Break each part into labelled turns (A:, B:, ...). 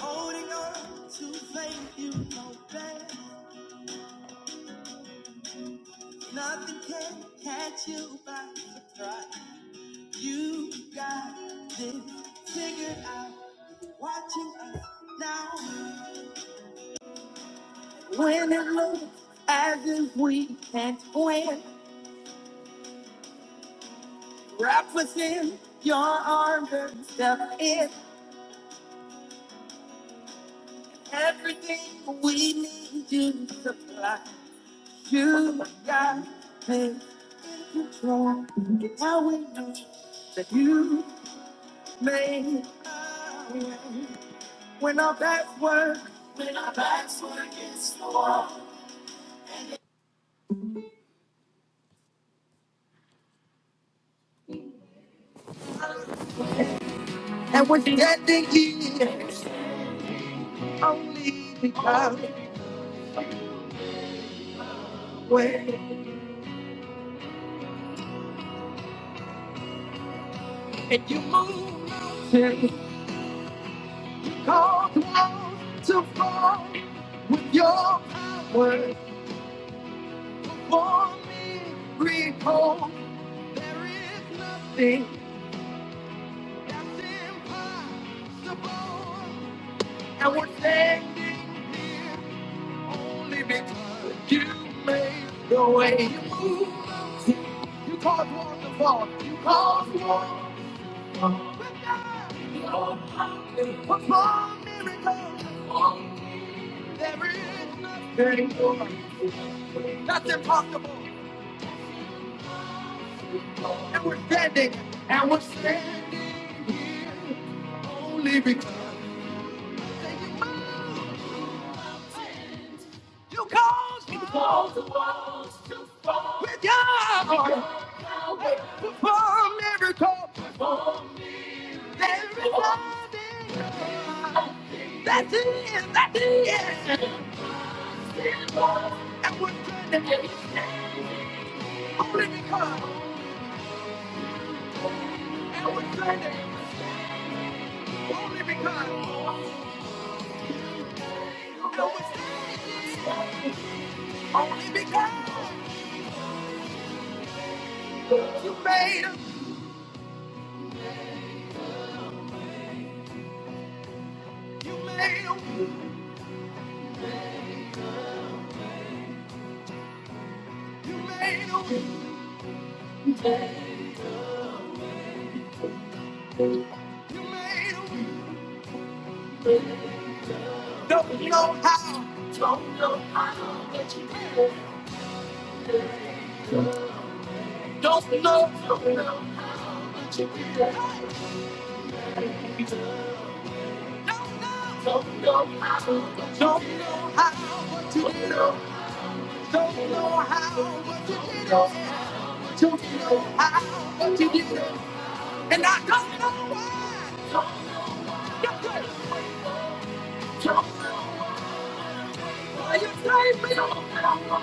A: Holding on to faith you know best. Nothing can catch you by surprise. You got this figured out. Watching us now. When it looks as if we can't win, wrap within your arms and step in. Everything we need you to supply. You got this control. Now we know that you name when all that work and we're standing here only because when and you move mountains cause walls to fall with your power for me recall there is nothing that's impossible and we're standing here only because you made the way you move mountains. You caused walls to fall. You caused walls to fall. With the old power Perform miracles. There is nothing more. That's impossible. And we're standing. And we're standing only because you moved. You caused war. You caused walls to fall. With your arm. Perform miracles. There is nothing more. That's it. That's it. And we're standing only because. Only because, only because you made him, you made him, you made him, you made him. Don't know how, don't know, don't know, don't know how, don't know how, What you did Don't know how, What you did Don't know how, What you did And I don't know why. Don't know why you saved me.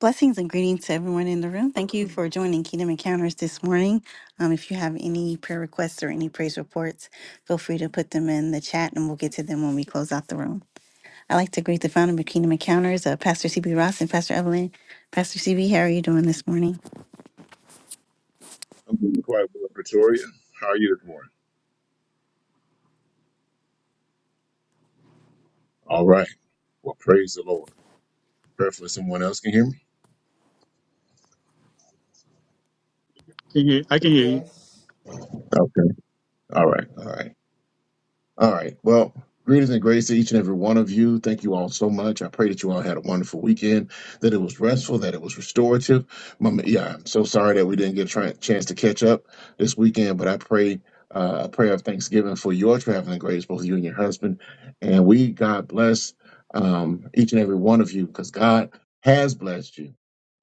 A: Blessings and greetings to everyone in the room. Thank you for joining Kingdom Encounters this morning. Um, if you have any prayer requests or any praise reports, feel free to put them in the chat and we'll get to them when we close out the room. I'd like to greet the founder of Kingdom Encounters, uh, Pastor CB Ross and Pastor Evelyn. Pastor CB, how are you doing this morning?
B: I'm doing quite well, Pretoria. How are you this morning? All right. Well, praise the Lord. Prayerfully, someone else can hear me.
C: Can you? I can hear you.
D: Yes.
B: Okay. All right. All right. All right. Well, greetings and grace to each and every one of you. Thank you all so much. I pray that you all had a wonderful weekend, that it was restful, that it was restorative. Mama, yeah, I'm so sorry that we didn't get a try- chance to catch up this weekend, but I pray uh, a prayer of thanksgiving for your traveling grace, both you and your husband. And we, God bless um, each and every one of you because God has blessed you.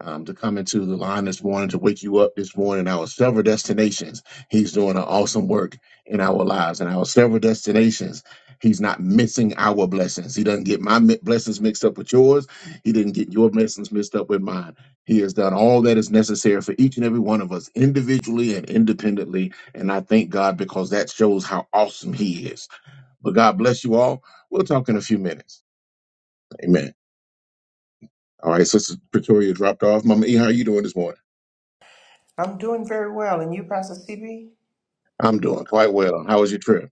B: Um, to come into the line this morning to wake you up this morning, our several destinations. He's doing an awesome work in our lives and our several destinations. He's not missing our blessings. He doesn't get my mi- blessings mixed up with yours. He didn't get your blessings mixed up with mine. He has done all that is necessary for each and every one of us individually and independently. And I thank God because that shows how awesome He is. But God bless you all. We'll talk in a few minutes. Amen. All right, Sister Pretoria dropped off. Mama E, how are you doing this morning?
D: I'm doing very well. And you, Pastor CB?
B: I'm doing quite well. How was your trip?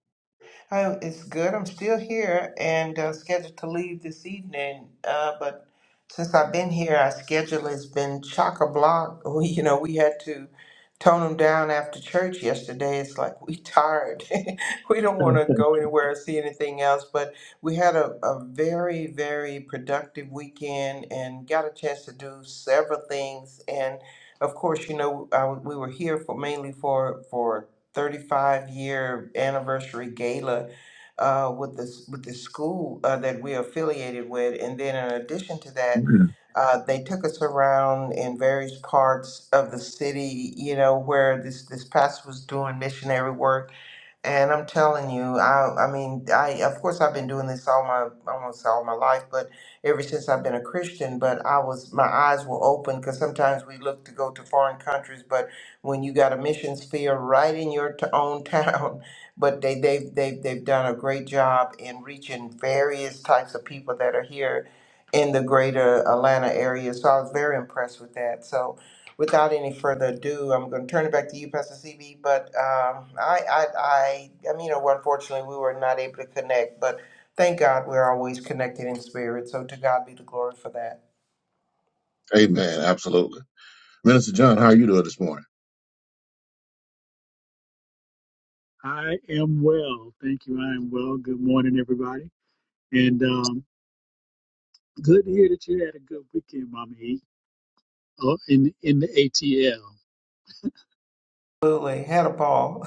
D: Oh, it's good. I'm still here and uh, scheduled to leave this evening. Uh, but since I've been here, our schedule has been chock a block. We, you know, we had to tone them down after church yesterday. It's like we tired. we don't want to go anywhere or see anything else. But we had a, a very, very productive weekend and got a chance to do several things. And of course, you know, I, we were here for mainly for for. 35 year anniversary gala uh, with this with the school uh, that we're affiliated with, and then in addition to that,
B: Mhm.
D: uh, they took us around in various parts of the city. You know where this this pastor was doing missionary work and I'm telling you, I I mean, I of course I've been doing this all my almost all my life, but ever since I've been a Christian, but I was my eyes were open because sometimes we look to go to foreign countries, but when you got a missions field right in your t- own town, but they they've, they've they've done a great job in reaching various types of people that are here in the greater Atlanta area. So I was very impressed with that. So Without any further ado, I'm going to turn it back to you, Pastor CB. But um, I, I, I, I mean, you know, unfortunately, we were not able to connect. But thank God, we're always connected in spirit. So to God be the glory for that.
B: Amen. Absolutely. Minister John, how are you doing this morning?
C: I am well, thank you. I am well. Good morning, everybody, and um, good to hear that you had a good weekend, Mama E. Oh, in in the ATL.
D: Absolutely, had a ball.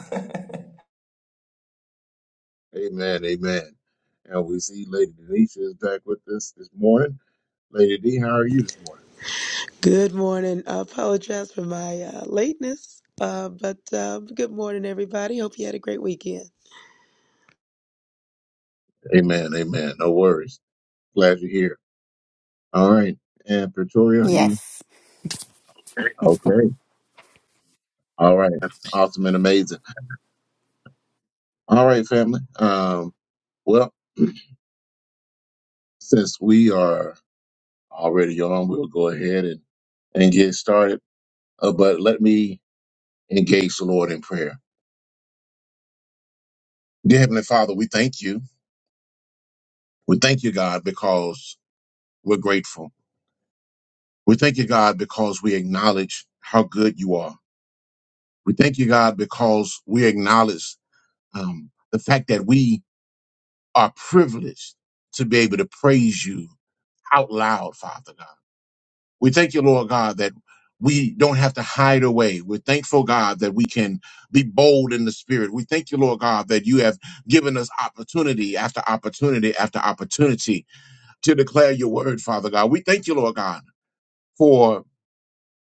B: Amen, amen. And we see Lady Denise is back with us this morning. Lady D, how are you this morning?
E: Good morning. I apologize for my uh, lateness, uh, but um, good morning, everybody. Hope you had a great weekend.
B: Amen, amen. No worries. Glad you're here. All right. And Pretoria, are you
A: Yes.
B: okay? All right. Awesome and amazing. All right, family. Um, well, since we are already on, we'll go ahead and, and get started. Uh, but let me engage the Lord in prayer. Dear Heavenly Father, we thank you. We thank you, God, because we're grateful. We thank you, God, because we acknowledge how good you are. We thank you, God, because we acknowledge um, the fact that we are privileged to be able to praise you out loud, Father God. We thank you, Lord God, that we don't have to hide away. We're thankful, God, that we can be bold in the spirit. We thank you, Lord God, that you have given us opportunity after opportunity after opportunity to declare your word, Father God. We thank you, Lord God, for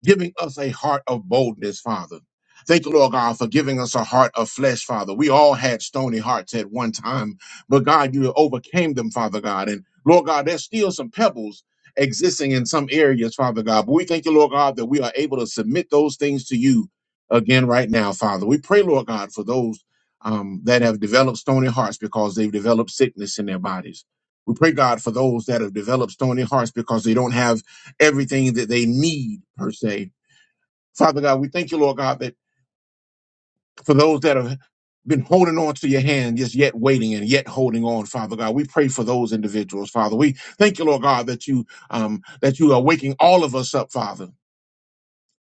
B: giving us a heart of boldness, Father. Thank you, Lord God, for giving us a heart of flesh, Father. We all had stony hearts at one time, but God, you overcame them, Father God. And Lord God, there's still some pebbles existing in some areas, Father God. But we thank you, Lord God, that we are able to submit those things to you again right now, Father. We pray, Lord God, for those um, that have developed stony hearts because they've developed sickness in their bodies. We pray, God, for those that have developed stony hearts because they don't have everything that they need, per se. Father God, we thank you, Lord God, that for those that have been holding on to your hand, just yet waiting and yet holding on, Father God, we pray for those individuals, Father. We thank you, Lord God, that you um, that you are waking all of us up, Father.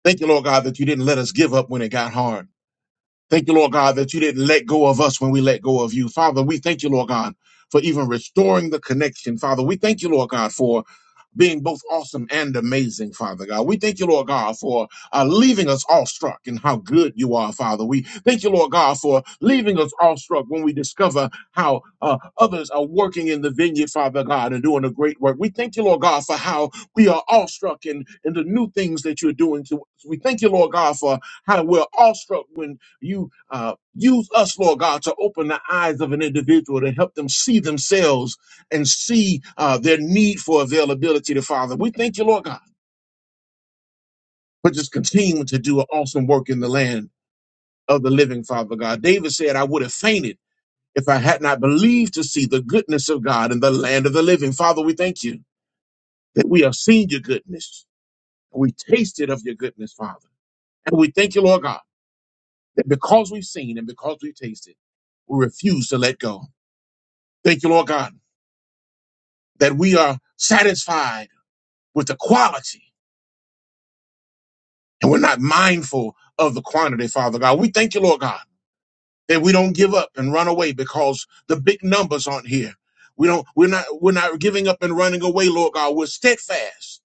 B: Thank you, Lord God, that you didn't let us give up when it got hard. Thank you, Lord God, that you didn't let go of us when we let go of you. Father, we thank you, Lord God, for even restoring the connection. Father, we thank you, Lord God, for being both awesome and amazing, Father God. We thank you, Lord God, for uh, leaving us awestruck in how good you are, Father. We thank you, Lord God, for leaving us awestruck when we discover how uh, others are working in the vineyard, Father God, and doing a great work. We thank you, Lord God, for how we are awestruck in, in the new things that you're doing to us. We thank you, Lord God, for how we're awestruck when you uh, use us, Lord God, to open the eyes of an individual to help them see themselves and see uh, their need for availability to Father. We thank you, Lord God, for just continuing to do an awesome work in the land of the living, Father God. David said, I would have fainted if I had not believed to see the goodness of God in the land of the living. Father, we thank you that we have seen your goodness. and We tasted of your goodness, Father. And we thank you, Lord God, that because we've seen and because we've tasted, we refuse to let go. Thank you, Lord God that we are satisfied with the quality and we're not mindful of the quantity, Father God. We thank you, Lord God, that we don't give up and run away because the big numbers aren't here. We don't, we're not, we're not giving up and running away, Lord God. We're steadfast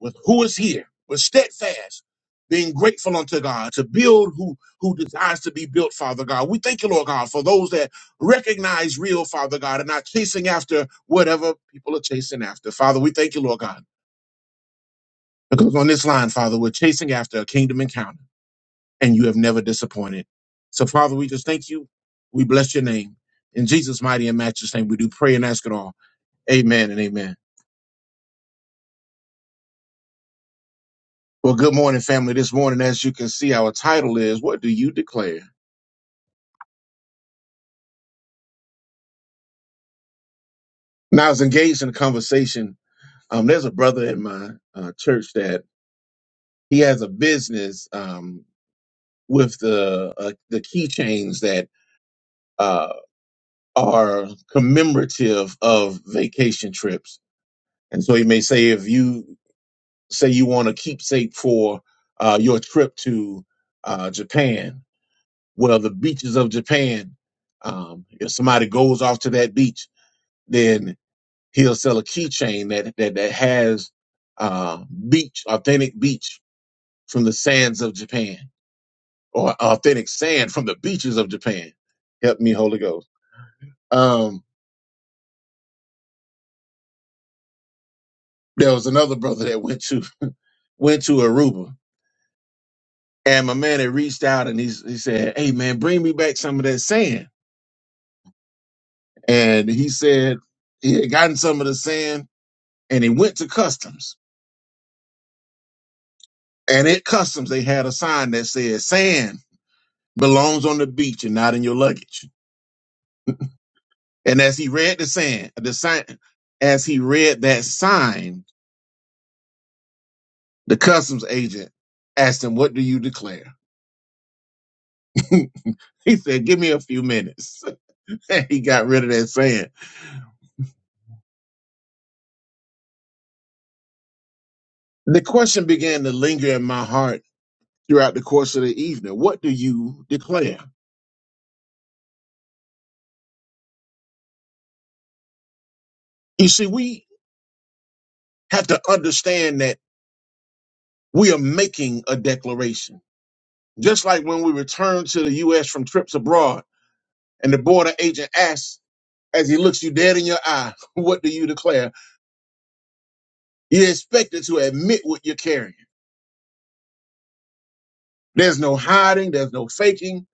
B: with who is here. We're steadfast, being grateful unto God to build who, who desires to be built, Father God. We thank you, Lord God, for those that recognize real, Father God, and not chasing after whatever people are chasing after. Father, we thank you, Lord God Because on this line, Father, we're chasing after a kingdom encounter, and you have never disappointed. So, Father, we just thank you. We bless your name. In Jesus' mighty and matchless name, we do pray and ask it all. Amen and amen. Well, good morning, family. This morning, as you can see, our title is What Do You Declare? Now, I was engaged in a conversation. Um, there's a brother in my uh, church that he has a business um, with the uh, the keychains that uh, are commemorative of vacation trips And so he may say, if you say you want a keepsake for uh, your trip to uh, Japan, well, the beaches of Japan, um, if somebody goes off to that beach, then he'll sell a keychain that that that has uh, beach, authentic beach from the sands of Japan, or authentic sand from the beaches of Japan. Help me, Holy Ghost. Um, there was another brother that went to went to Aruba And my man had reached out and he, he said, Hey man, bring me back some of that sand. And he said he had gotten some of the sand and he went to customs. And at customs, they had a sign that said, Sand belongs on the beach and not in your luggage. And as he read the sand, the sign, as he read that sign, the customs agent asked him, What do you declare? He said, Give me a few minutes. And he got rid of that sand. The question began to linger in my heart throughout the course of the evening? What do you declare? You see, we have to understand that we are making a declaration. Just like when we return to the U.S. from trips abroad and the border agent asks, as he looks you dead in your eye, what do you declare? You're expected to admit what you're carrying. There's no hiding, there's no faking,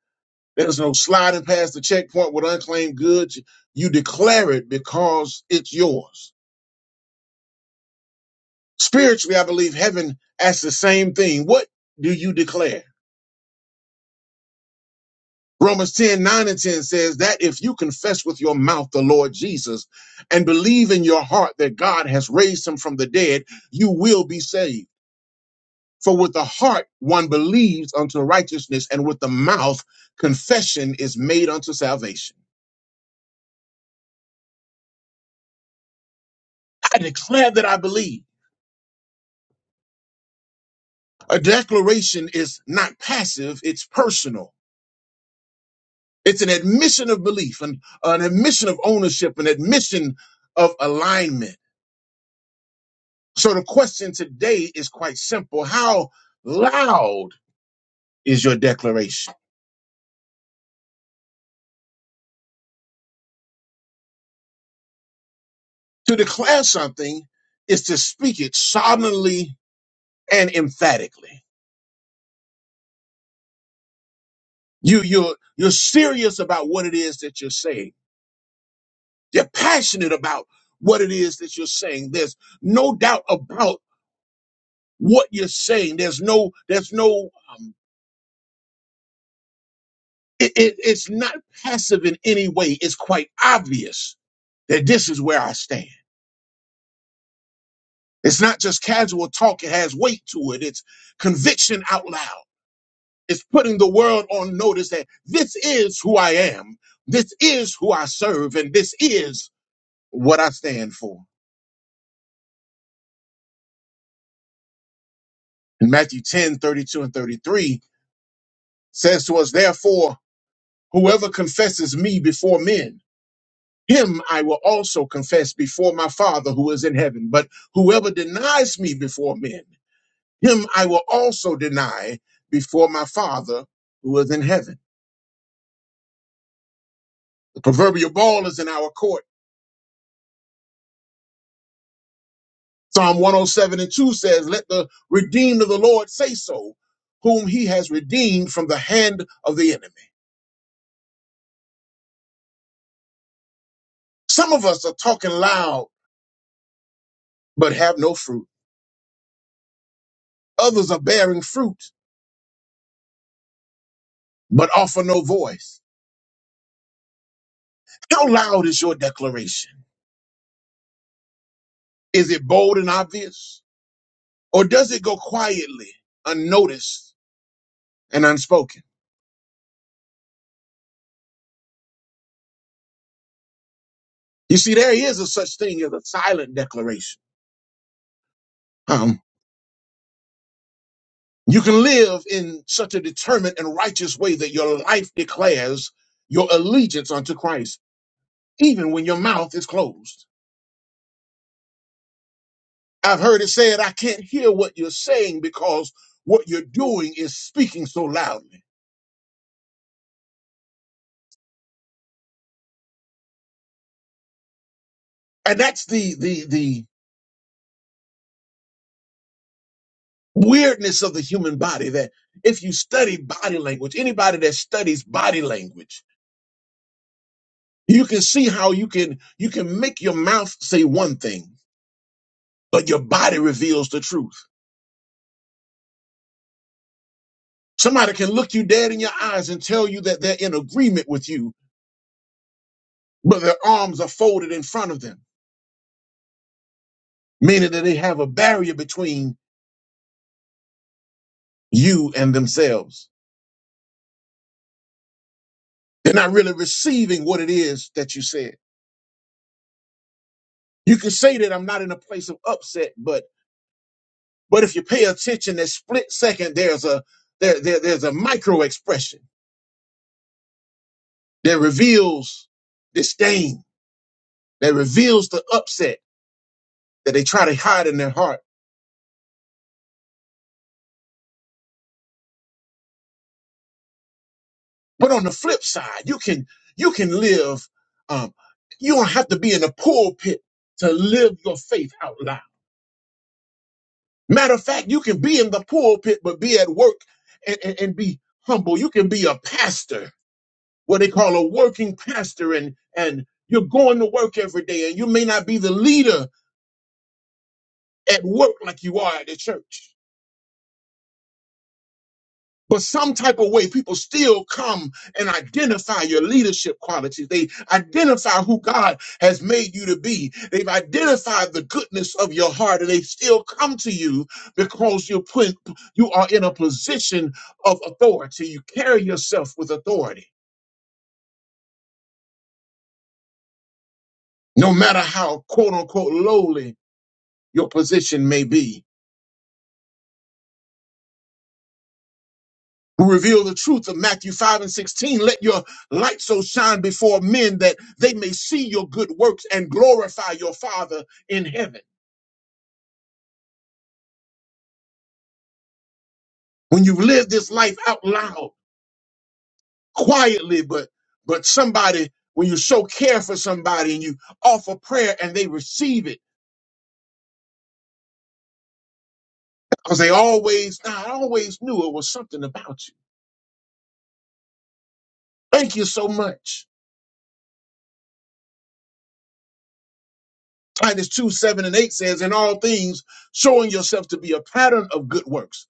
B: there's no sliding past the checkpoint with unclaimed goods. You declare it because it's yours. Spiritually, I believe heaven asks the same thing. What do you declare? Romans 10 9 and 10 says that if you confess with your mouth the Lord Jesus and believe in your heart that God has raised him from the dead, you will be saved. For with the heart one believes unto righteousness, and with the mouth confession is made unto salvation. I declare that I believe. A declaration is not passive, it's personal. It's an admission of belief, an, an admission of ownership, an admission of alignment. So the question today is quite simple. How loud is your declaration? To declare something is to speak it solemnly and emphatically. You, you're, you're serious about what it is that you're saying. You're passionate about what it is that you're saying. There's no doubt about what you're saying. There's no, there's no um, It, it, it's not passive in any way. It's quite obvious that this is where I stand. It's not just casual talk. It has weight to it. It's conviction out loud. It's putting the world on notice that this is who I am. This is who I serve and this is what I stand for. And Matthew 10 32 and 33 says to us, therefore, whoever confesses me before men, him I will also confess before my Father who is in heaven. But whoever denies me before men, him I will also deny before my Father who is in heaven. The proverbial ball is in our court. Psalm 107 and 2 says, Let the redeemed of the Lord say so, whom he has redeemed from the hand of the enemy. Some of us are talking loud, but have no fruit. Others are bearing fruit, but offer no voice. How loud is your declaration? Is it bold and obvious? Or does it go quietly, unnoticed, and unspoken? You see, there is a such thing as a silent declaration. Um, you can live in such a determined and righteous way that your life declares your allegiance unto Christ, even when your mouth is closed. I've heard it said, I can't hear what you're saying because what you're doing is speaking so loudly. And that's the, the, the weirdness of the human body that if you study body language, anybody that studies body language, you can see how you can you can make your mouth say one thing but your body reveals the truth somebody can look you dead in your eyes and tell you that they're in agreement with you but their arms are folded in front of them meaning that they have a barrier between you and themselves they're not really receiving what it is that you said you can say that i'm not in a place of upset but but if you pay attention that split second there's a there, there there's a micro expression that reveals disdain that reveals the upset that they try to hide in their heart. But on the flip side, you can you can live. Um, you don't have to be in the pulpit to live your faith out loud. Matter of fact, you can be in the pulpit but be at work and, and, and be humble. You can be a pastor, what they call a working pastor, and and you're going to work every day, and you may not be the leader at work like you are at the church But some type of way, people still come and identify your leadership qualities. They identify who God has made you to be. They've identified the goodness of your heart, and they still come to you because you put you are in a position of authority. You carry yourself with authority, no matter how quote unquote lowly your position may be. who reveal the truth of Matthew 5 and 16. Let your light so shine before men that they may see your good works and glorify your Father in heaven. When you live this life out loud, quietly, but but somebody, when you show care for somebody and you offer prayer and they receive it, because they always, "Nah, I always knew it was something about you. Thank you so much. Titus 2, 7 and 8 says, in all things, showing yourself to be a pattern of good works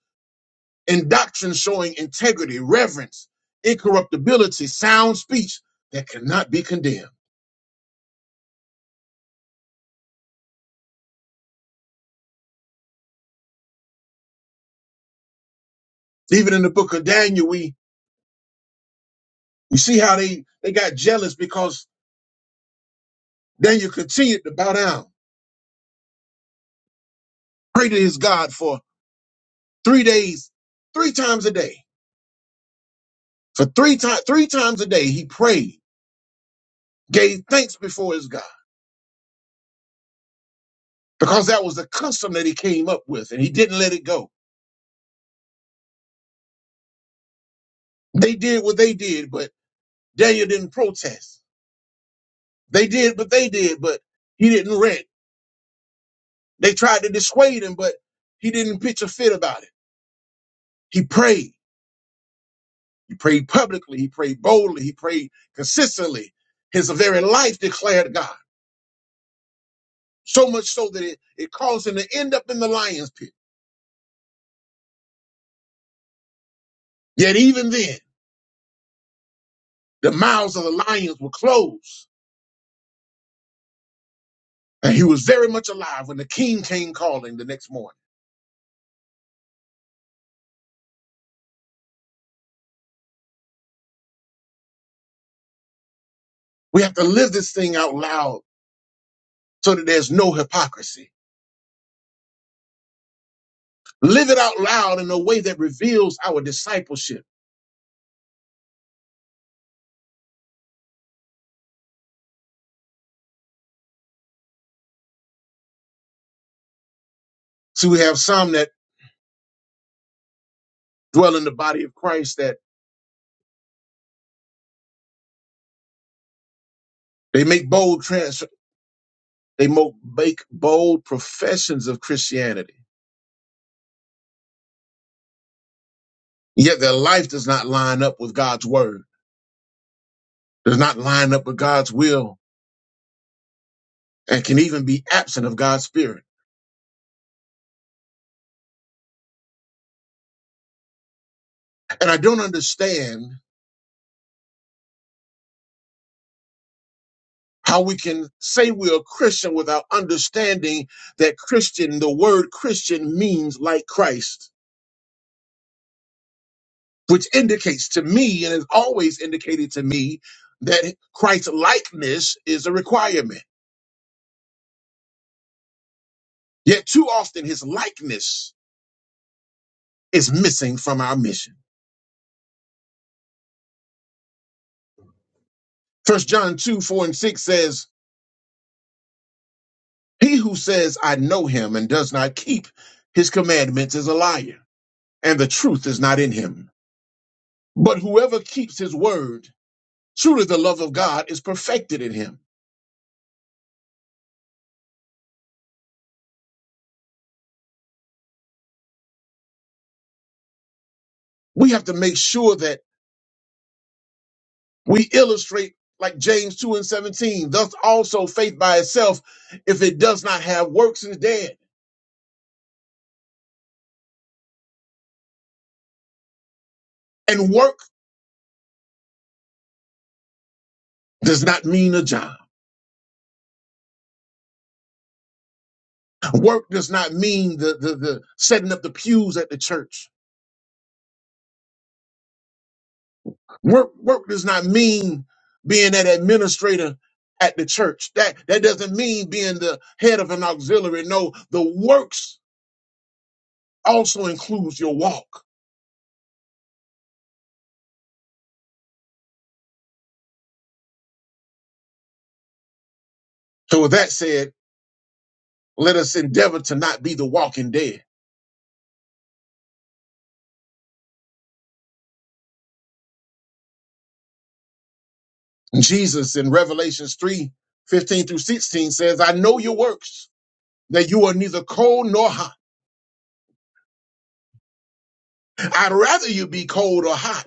B: in doctrine showing integrity, reverence, incorruptibility, sound speech that cannot be condemned. Even in the book of Daniel, we, we see how they, they got jealous because Daniel continued to bow down, pray to his God for three days, three times a day. For three times, three times a day, he prayed, gave thanks before his God because that was the custom that he came up with and he didn't let it go. They did what they did, but Daniel didn't protest. They did what they did, but he didn't rant. They tried to dissuade him, but he didn't pitch a fit about it. He prayed. He prayed publicly. He prayed boldly. He prayed consistently. His very life declared God. So much so that it, it caused him to end up in the lion's pit. Yet even then, the mouths of the lions were closed. And he was very much alive when the king came calling the next morning. We have to live this thing out loud so that there's no hypocrisy. Live it out loud in a way that reveals our discipleship. So we have some that dwell in the body of Christ that They make bold trans they mo- make bold professions of Christianity. Yet their life does not line up with God's word, does not line up with God's will, and can even be absent of God's spirit. And I don't understand how we can say we're a Christian without understanding that Christian, the word Christian means like Christ, which indicates to me and has always indicated to me that Christ's likeness is a requirement. Yet too often his likeness is missing from our mission. First John 2, 4 and 6 says, He who says, I know him and does not keep his commandments is a liar, and the truth is not in him. But whoever keeps his word, truly the love of God is perfected in him. We have to make sure that we illustrate like James 2 and 17, thus also faith by itself, if it does not have works, is dead. And work does not mean a job. Work does not mean the, the, the setting up the pews at the church. Work work does not mean being that administrator at the church. That that doesn't mean being the head of an auxiliary. No, the works also includes your walk. So with that said, let us endeavor to not be the walking dead. Jesus in Revelations 3 15 through 16 says, I know your works, that you are neither cold nor hot. I'd rather you be cold or hot.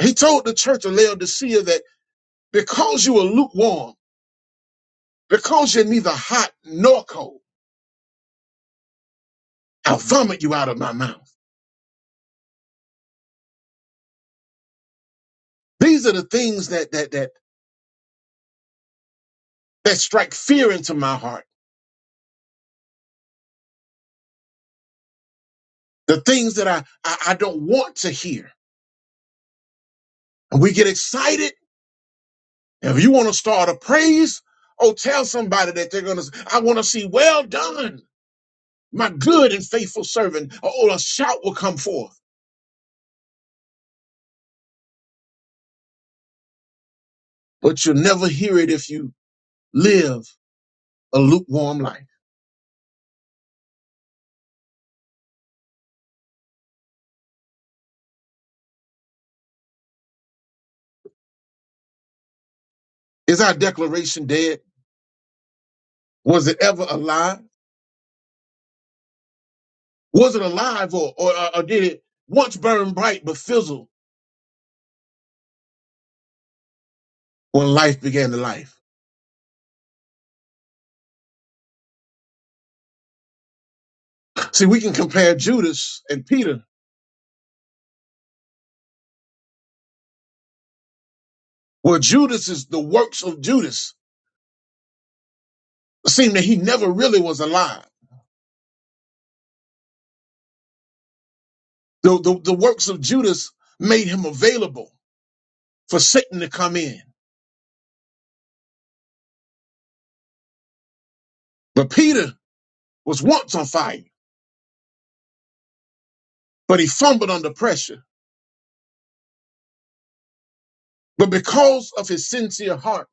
B: He told the church of Laodicea that because you are lukewarm, because you're neither hot nor cold, I'll vomit you out of my mouth. These are the things that that that that strike fear into my heart. The things that I I, I don't want to hear. And we get excited. And if you want to start a praise, oh, tell somebody that they're gonna. I want to see well done, my good and faithful servant. Oh, a shout will come forth, but you'll never hear it if you live a lukewarm life. Is our declaration dead? Was it ever alive? Was it alive, or or, or did it once burn bright but fizzle? when life began to life. See, we can compare Judas and Peter, where Judas is the works of Judas. It seemed that he never really was alive. The, the, the works of Judas made him available for Satan to come in. But Peter was once on fire, but he fumbled under pressure. But because of his sincere heart,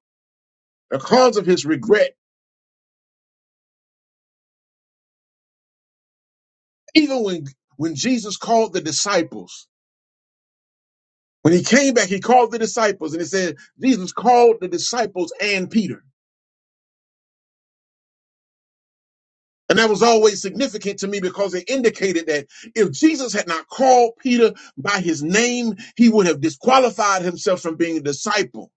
B: because of his regret, even when, when Jesus called the disciples, when he came back, he called the disciples and he said, Jesus called the disciples and Peter. And that was always significant to me because it indicated that if Jesus had not called Peter by his name, he would have disqualified himself from being a disciple.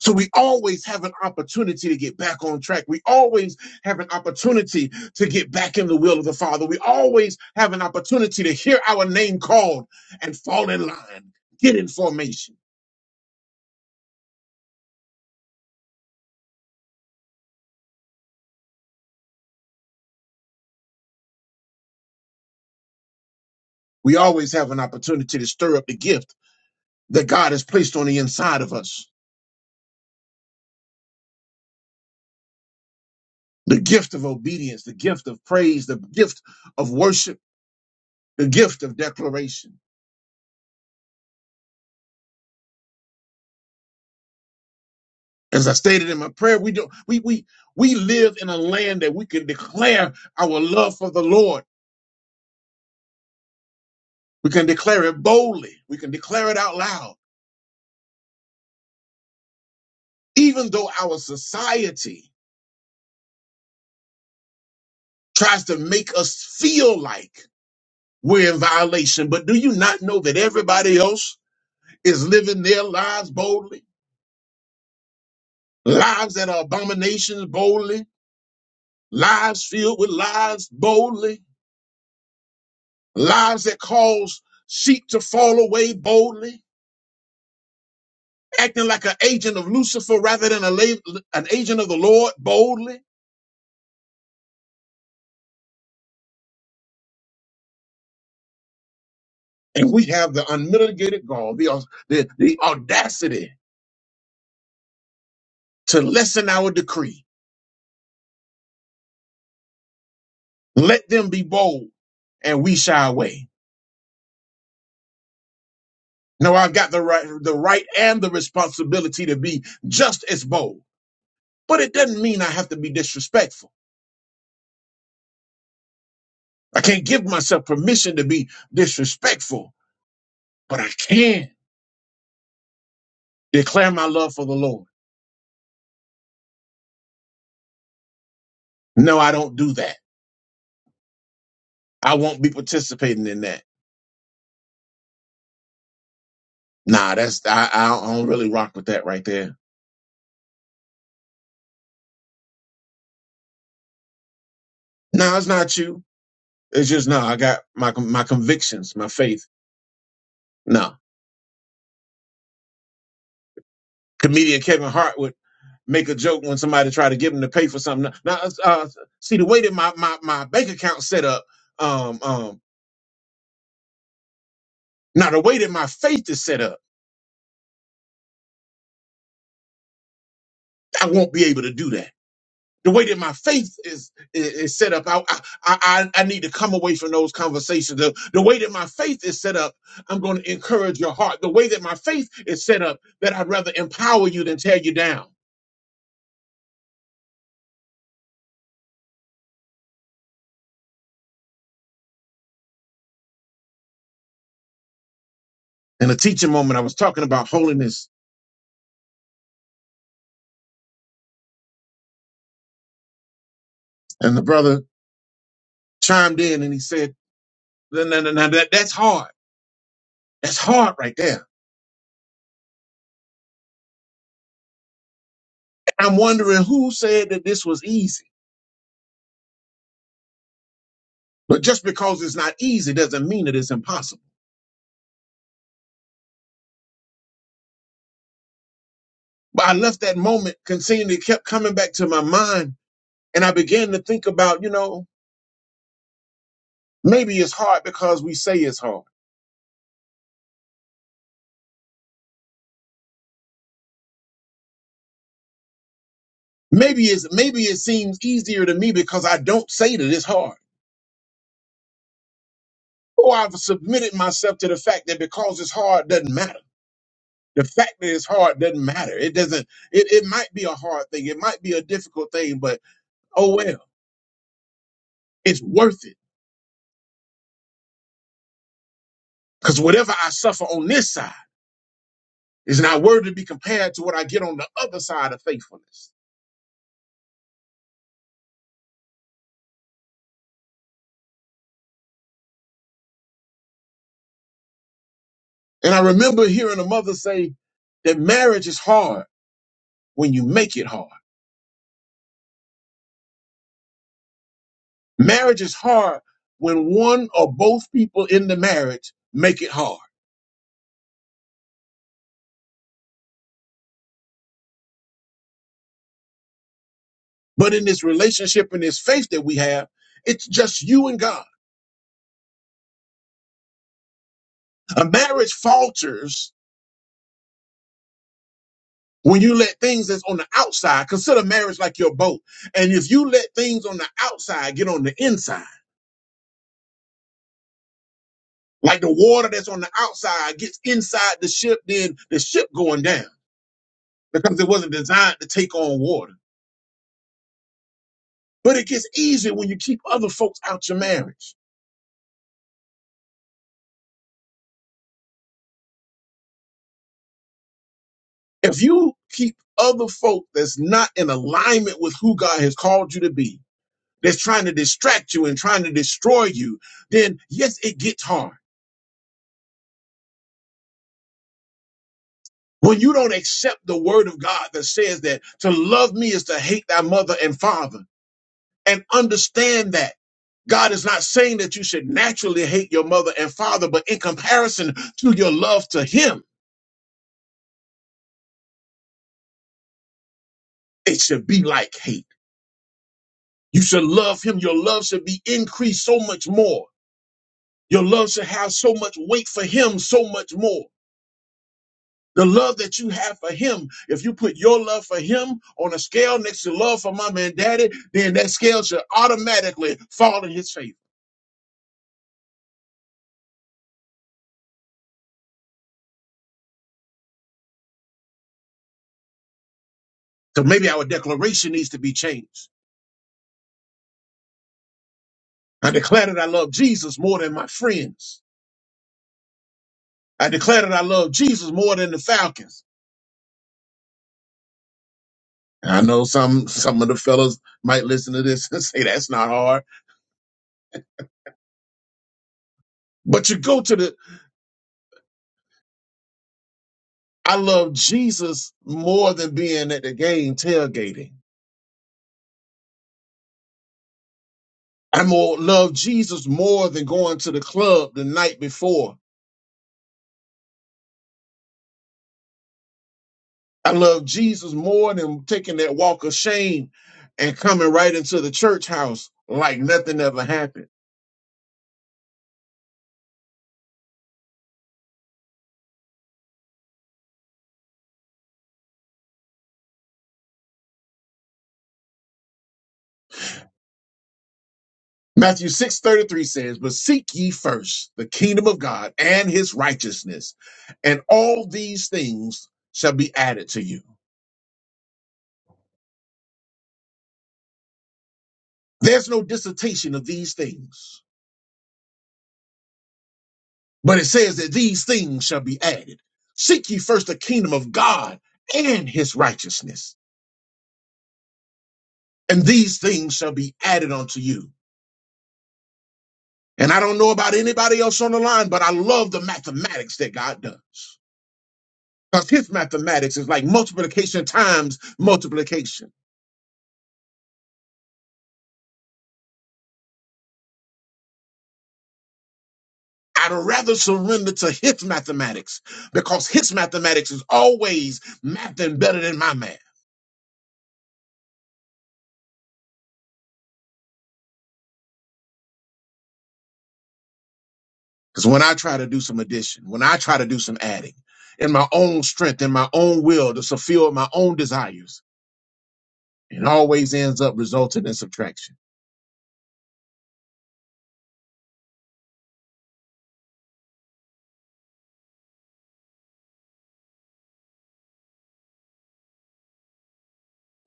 B: So we always have an opportunity to get back on track. We always have an opportunity to get back in the will of the Father. We always have an opportunity to hear our name called and fall in line, get in formation. We always have an opportunity to stir up the gift that God has placed on the inside of us. the gift of obedience, the gift of praise, the gift of worship, the gift of declaration. As I stated in my prayer, we do we we we live in a land that we can declare our love for the Lord. We can declare it boldly. We can declare it out loud. Even though our society tries to make us feel like we're in violation, but do you not know that everybody else is living their lives boldly? Lives that are abominations boldly, lives filled with lies boldly, lies that cause sheep to fall away boldly, acting like an agent of Lucifer rather than a la- an agent of the Lord boldly. And we have the unmitigated gall, the, au- the, the audacity to lessen our decree. Let them be bold and we shy away. No, I've got the right, the right and the responsibility to be just as bold, but it doesn't mean I have to be disrespectful. I can't give myself permission to be disrespectful but I can declare my love for the Lord. No, I don't do that. I won't be participating in that. Nah, that's I, I don't really rock with that right there. No, it's not you. It's just no. I got my my convictions, my faith. No, comedian Kevin Hart would make a joke when somebody tried to give him to pay for something. Now, uh, see the way that my my my bank account set up. Um, um. Now the way that my faith is set up, I won't be able to do that. the way that my faith is is, is set up, I, I I I need to come away from those conversations. The, the way that my faith is set up, I'm going to encourage your heart. The way that my faith is set up, that I'd rather empower you than tear you down. In a teaching moment, I was talking about holiness, and the brother chimed in and he said, "No, no, no, no that, that's hard. That's hard right there." I'm wondering who said that this was easy. But just because it's not easy doesn't mean that it's impossible. But I left that moment, continually kept coming back to my mind And I began to think about, you know, maybe it's hard because we say it's hard. Maybe it's maybe it seems easier to me because I don't say that it's hard. Or I've submitted myself to the fact that because it's hard doesn't matter. The fact that it's hard doesn't matter. It doesn't it, it might be a hard thing, it might be a difficult thing, but oh well, it's worth it. Because whatever I suffer on this side is not worthy to be compared to what I get on the other side of faithfulness. And I remember hearing a mother say that marriage is hard when you make it hard. Marriage is hard when one or both people in the marriage make it hard. But in this relationship and this faith that we have, it's just you and God. A marriage falters when you let things that's on the outside, consider marriage like your boat. And if you let things on the outside get on the inside, like the water that's on the outside gets inside the ship, then the ship going down because it wasn't designed to take on water. But it gets easier when you keep other folks out your marriage. If you keep other folk that's not in alignment with who God has called you to be, that's trying to distract you and trying to destroy you, then yes, it gets hard. When you don't accept the word of God that says that to love me is to hate thy mother and father and understand that God is not saying that you should naturally hate your mother and father, but in comparison to your love to him, it should be like hate. You should love him. Your love should be increased so much more. Your love should have so much weight for him, so much more. The love that you have for him, if you put your love for him on a scale next to love for mama and daddy, then that scale should automatically fall in his favor. So maybe our declaration needs to be changed. I declare that I love Jesus more than my friends. I declare that I love Jesus more than the Falcons. And I know some some of the fellas might listen to this and say that's not hard. But you go to the I love Jesus more than being at the game tailgating. I more love Jesus more than going to the club the night before. I love Jesus more than taking that walk of shame and coming right into the church house like nothing ever happened. Matthew 6:33 says, "But seek ye first the kingdom of God and his righteousness, and all these things shall be added to you." There's no dissertation of these things, but it says that these things shall be added. Seek ye first the kingdom of God and his righteousness and these things shall be added unto you. And I don't know about anybody else on the line, but I love the mathematics that God does. Because his mathematics is like multiplication times multiplication. I'd rather surrender to his mathematics because his mathematics is always mathing better than my math. Because when I try to do some addition, when I try to do some adding, in my own strength, in my own will to fulfill my own desires, it always ends up resulting in subtraction.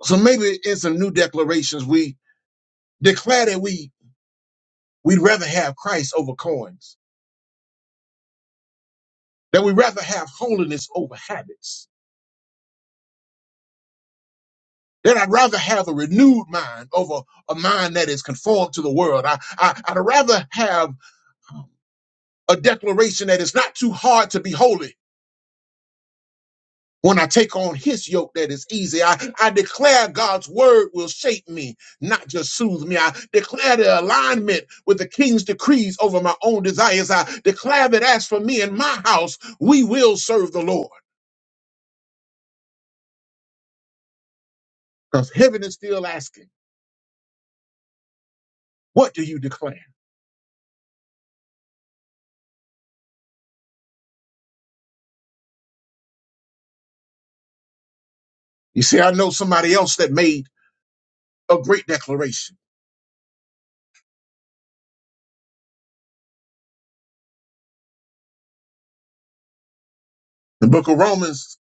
B: So maybe in some new declarations, we. Declare that we, we'd rather have Christ over coins, that we'd rather have holiness over habits, that I'd rather have a renewed mind over a mind that is conformed to the world. I, I, I'd rather have um, a declaration that it's not too hard to be holy. When I take on his yoke that is easy, I, I declare God's word will shape me, not just soothe me. I declare the alignment with the king's decrees over my own desires. I declare that as for me and my house, we will serve the Lord. because heaven is still asking, What do you declare? You see, I know somebody else that made a great declaration. The book of Romans,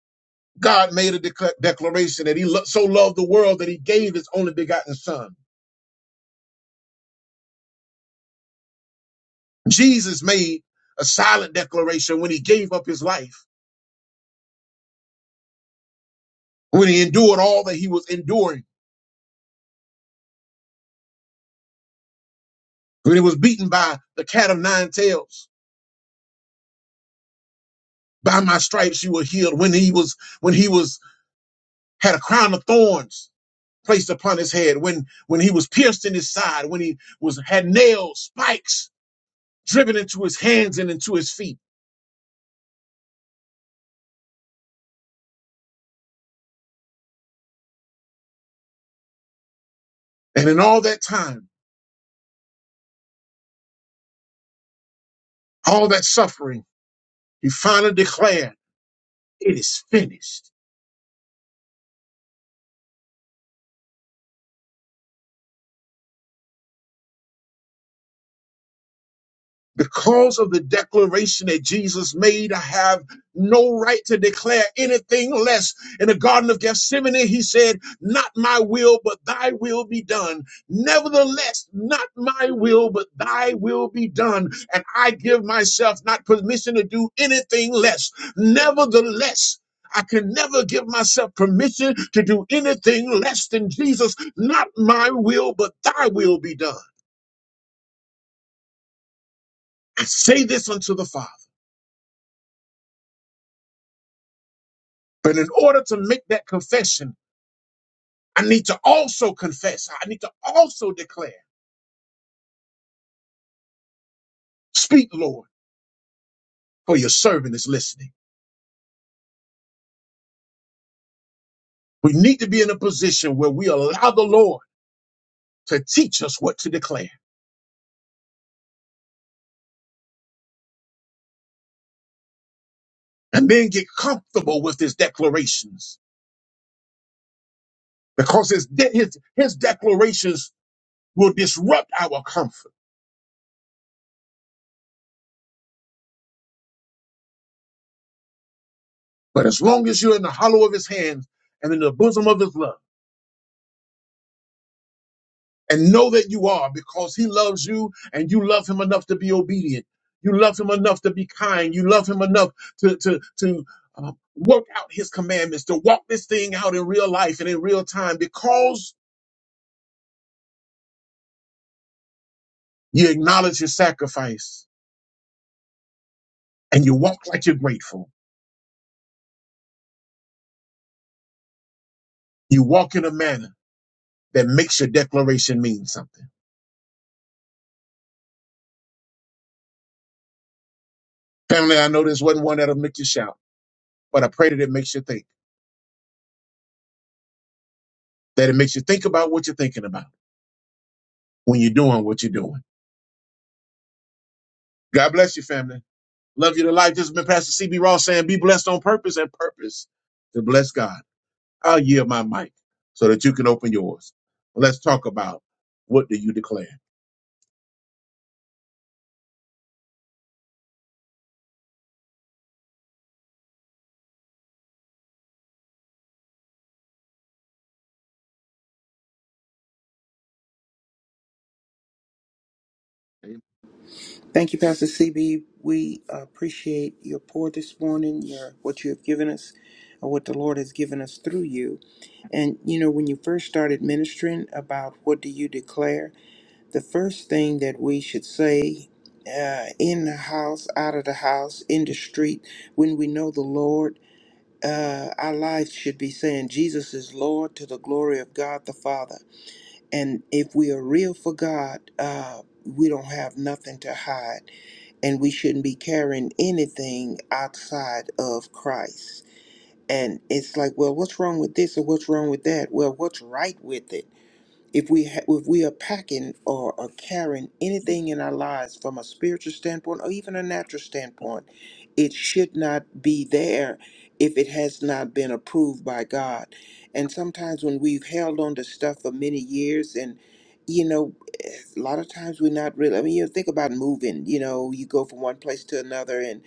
B: God made a decla- declaration that he lo- so loved the world that he gave his only begotten son. Jesus made a silent declaration when he gave up his life, when he endured all that he was enduring, when he was beaten by the cat of nine tails. By my stripes you were healed. When he was, when he was, had a crown of thorns placed upon his head, when when he was pierced in his side, when he was had nail spikes driven into his hands and into his feet. And in all that time, all that suffering, he finally declared, It is finished. Because of the declaration that Jesus made, I have no right to declare anything less. In the Garden of Gethsemane, he said, Not my will, but thy will be done. Nevertheless, not my will, but thy will be done. And I give myself not permission to do anything less. Nevertheless, I can never give myself permission to do anything less than Jesus. Not my will, but thy will be done. I say this unto the Father. But in order to make that confession, I need to also confess. I need to also declare. Speak, Lord, for your servant is listening. We need to be in a position where we allow the Lord to teach us what to declare and then get comfortable with his declarations because his, de- his, his declarations will disrupt our comfort. But as long as you're in the hollow of his hands and in the bosom of his love, and know that you are because he loves you and you love him enough to be obedient. You love him enough to be kind. You love him enough to to to uh, work out his commandments, to walk this thing out in real life and in real time because you acknowledge your sacrifice and you walk like you're grateful. You walk in a manner that makes your declaration mean something. Family, I know this wasn't one that'll make you shout, but I pray that it makes you think, that it makes you think about what you're thinking about when you're doing what you're doing. God bless you, family. Love you to life. This has been Pastor CB Ross saying, be blessed on purpose and purpose to bless God. I'll yield my mic so that you can open yours. Let's talk about what do you declare?
D: Thank you, Pastor CB. We appreciate your pour this morning, your what you have given us, or what the Lord has given us through you. And you know, when you first started ministering about what do you declare, The first thing that we should say uh, in the house, out of the house, in the street, when we know the Lord, uh, our lives should be saying, Jesus is Lord to the glory of God the Father. And if we are real for God, uh, we don't have nothing to hide, and we shouldn't be carrying anything outside of Christ. And it's like, well, what's wrong with this or what's wrong with that? Well, what's right with it? if we ha- if we are packing or are carrying anything in our lives from a spiritual standpoint or even a natural standpoint, it should not be there if it has not been approved by God. And sometimes when we've held on to stuff for many years and you know, a lot of times we're not really. I mean, you think about moving. You know, you go from one place to another, and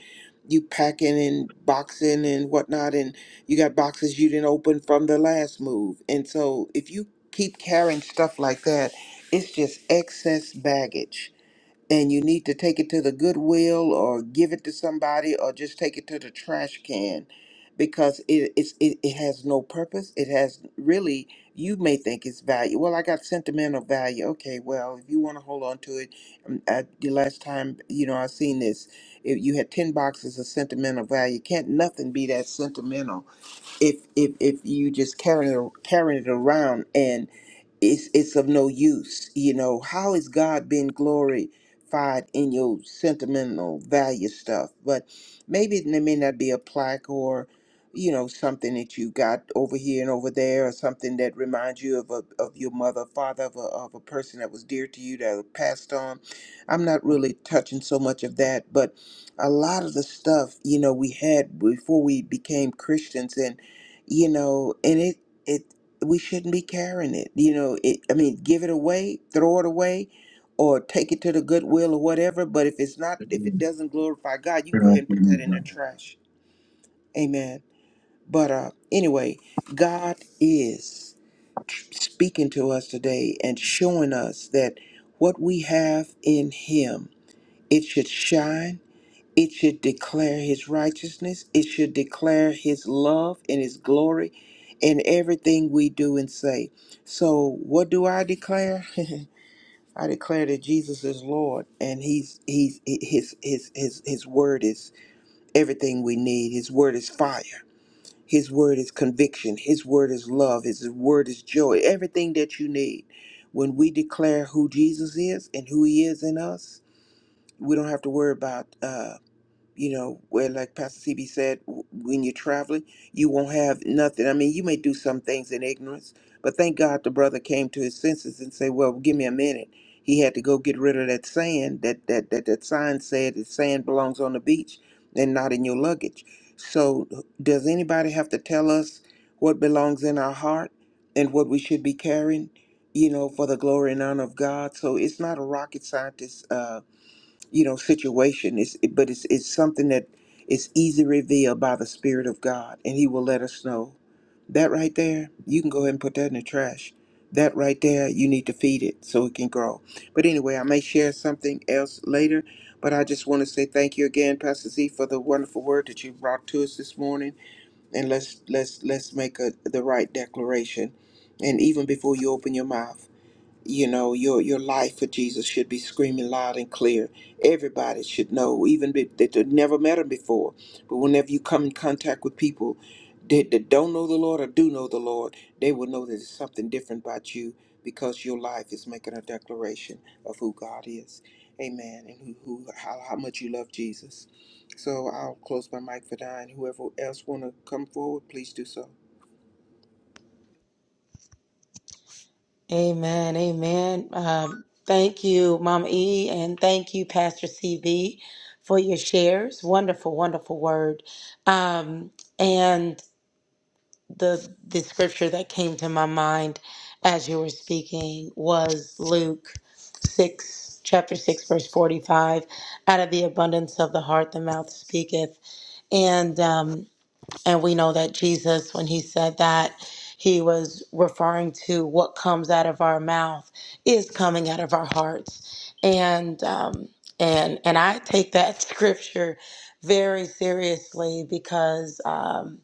D: you packing and boxing and whatnot, and you got boxes you didn't open from the last move. And so, if you keep carrying stuff like that, it's just excess baggage. And you need to take it to the Goodwill or give it to somebody or just take it to the trash can because it, it's, it, it has no purpose. It has really, you may think it's value. Well, I got sentimental value. Okay, well, if you want to hold on to it, um, I, the last time, you know, I seen this, if you had 10 boxes of sentimental value, can't nothing be that sentimental if if if you just carrying it, carrying it around it's it's of no use. You know, How has God been glorified in your sentimental value stuff? But maybe it may not be a plaque or, you know, something that you got over here and over there, or something that reminds you of a, of your mother, father, of a, of a person that was dear to you that passed on. I'm not really touching so much of that, but a lot of the stuff you know we had before we became Christians, and you know, and it it we shouldn't be carrying it. You know, it, I mean, give it away, throw it away, or take it to the Goodwill or whatever. But if it's not, if it
B: Amen.
D: doesn't glorify God, you can go ahead and put that in the trash. Amen. But uh, anyway, God is speaking to us today and showing us that what we have in Him, it should shine it should declare his righteousness. It should declare his love and his glory in everything we do and say. So what do I declare? I declare that Jesus is Lord and he's he's his his his his word is everything we need. His word is fire. His word is conviction. His word is love. His word is joy. Everything that you need. When we declare who Jesus is and who he is in us, we don't have to worry about uh you know, where like Pastor CB said, w- when you're traveling, you won't have nothing. I mean, you may do some things in ignorance, but thank God the brother came to his senses and said, "Well, give me a minute." He had to go get rid of that sand that that that that sign said that sand belongs on the beach and not in your luggage. So, does anybody have to tell us what belongs in our heart and what we should be carrying? You know, for the glory and honor of God. So it's not a rocket scientist Uh, you know situation it's but it's it's something that is easy revealed by the spirit of god and he will let us know that right there you can go ahead and put that in the trash that right there you need to feed it so it can grow but anyway i may share something else later but i just want to say thank you again pastor z for the wonderful word that you brought to us this morning and let's let's let's make a, the right declaration and even before you open your mouth you know your your life for jesus should be screaming loud and clear everybody should know even if that they've never met him before but whenever you come in contact with people that, that don't know the lord or do know the lord they will know that there's something different about you because your life is making a declaration of who god is amen and who, who how, how much you love jesus so i'll close my mic for now and whoever else want to come forward please do so
E: Amen. Amen. Um, thank you, Mama E, and thank you, Pastor CB, for your shares. Wonderful, wonderful word. Um, and the the scripture that came to my mind as you were speaking was Luke six, chapter six, verse forty-five. Out of the abundance of the heart, the mouth speaketh. And um, and we know that Jesus, when he said that, he was referring to what comes out of our mouth is coming out of our hearts. And um, and and I take that scripture very seriously because um,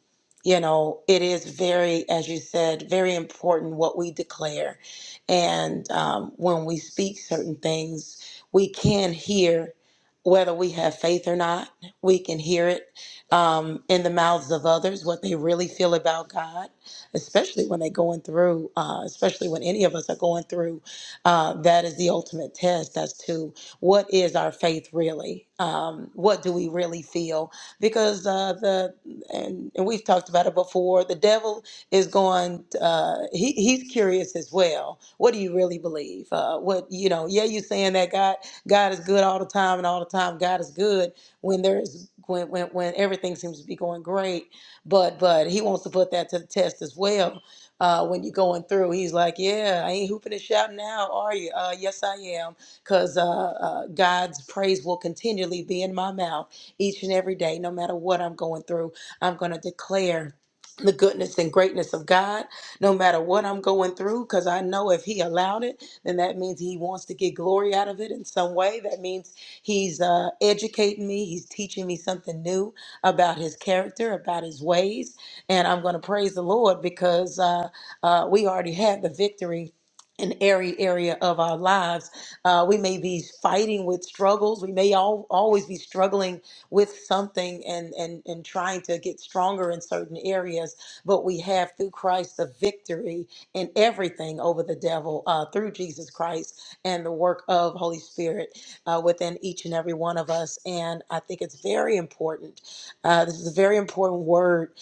E: you know it is very, as you said, very important what we declare. And um, when we speak certain things, we can hear whether we have faith or not. We can hear it um, in the mouths of others what they really feel about God, especially when they're going through, uh, especially when any of us are going through. Uh, that is the ultimate test as to what is our faith really? Um, what do we really feel? Because uh, the and, and we've talked about it before. The devil is going. Uh, he he's curious as well. What do you really believe? Uh, what you know? Yeah, you saying that God God is good all the time and all the time God is good, when there's when, when when everything seems to be going great but but he wants to put that to the test as well uh, when you're going through he's like yeah i ain't hooping and shouting now are you uh, yes i am because uh, uh, god's praise will continually be in my mouth each and every day no matter what i'm going through i'm going to declare the goodness and greatness of god no matter what i'm going through because i know if he allowed it then that means he wants to get glory out of it in some way. That means he's uh, educating me, he's teaching me something new about his character, about his ways. And I'm going to praise the Lord because uh, uh, we already had the victory. In every area of our lives, uh, we may be fighting with struggles. We may all, always be struggling with something and, and, and trying to get stronger in certain areas. But we have through Christ the victory in everything over the devil uh, through Jesus Christ and the work of Holy Spirit uh, within each and every one of us. And I think it's very important. Uh, this is a very important word.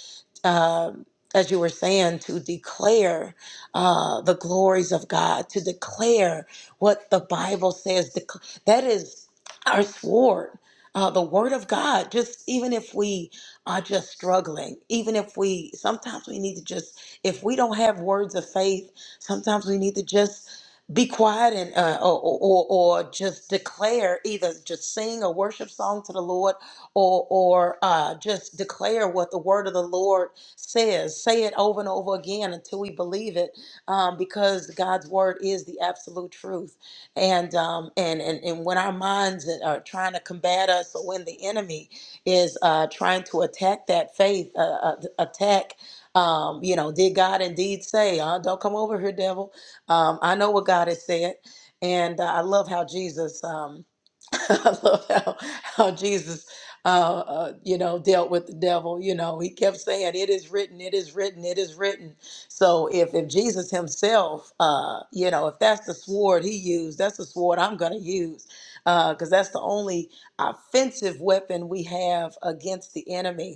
E: Um, as you were saying, to declare uh, the glories of God, to declare what the Bible says. Dec- that is our sword, uh, the word of God. Just even if we are just struggling, even if we sometimes we need to just if we don't have words of faith, sometimes we need to just be quiet and uh, or, or or just declare either just sing a worship song to the Lord or or uh, just declare what the word of the Lord says. Say it over and over again until we believe it, um, because God's word is the absolute truth. And um, and and and when our minds are trying to combat us, or when the enemy is uh, trying to attack that faith, uh, uh, attack. Um, you know, did God indeed say, uh, don't come over here, devil? Um, I know what God has said. And uh, I love how Jesus, um, I love how, how Jesus, uh, uh, you know, dealt with the devil. You know, he kept saying, it is written, it is written, it is written. So if, if Jesus himself, uh, you know, if that's the sword he used, that's the sword I'm going to use because that's the only offensive weapon we have against the enemy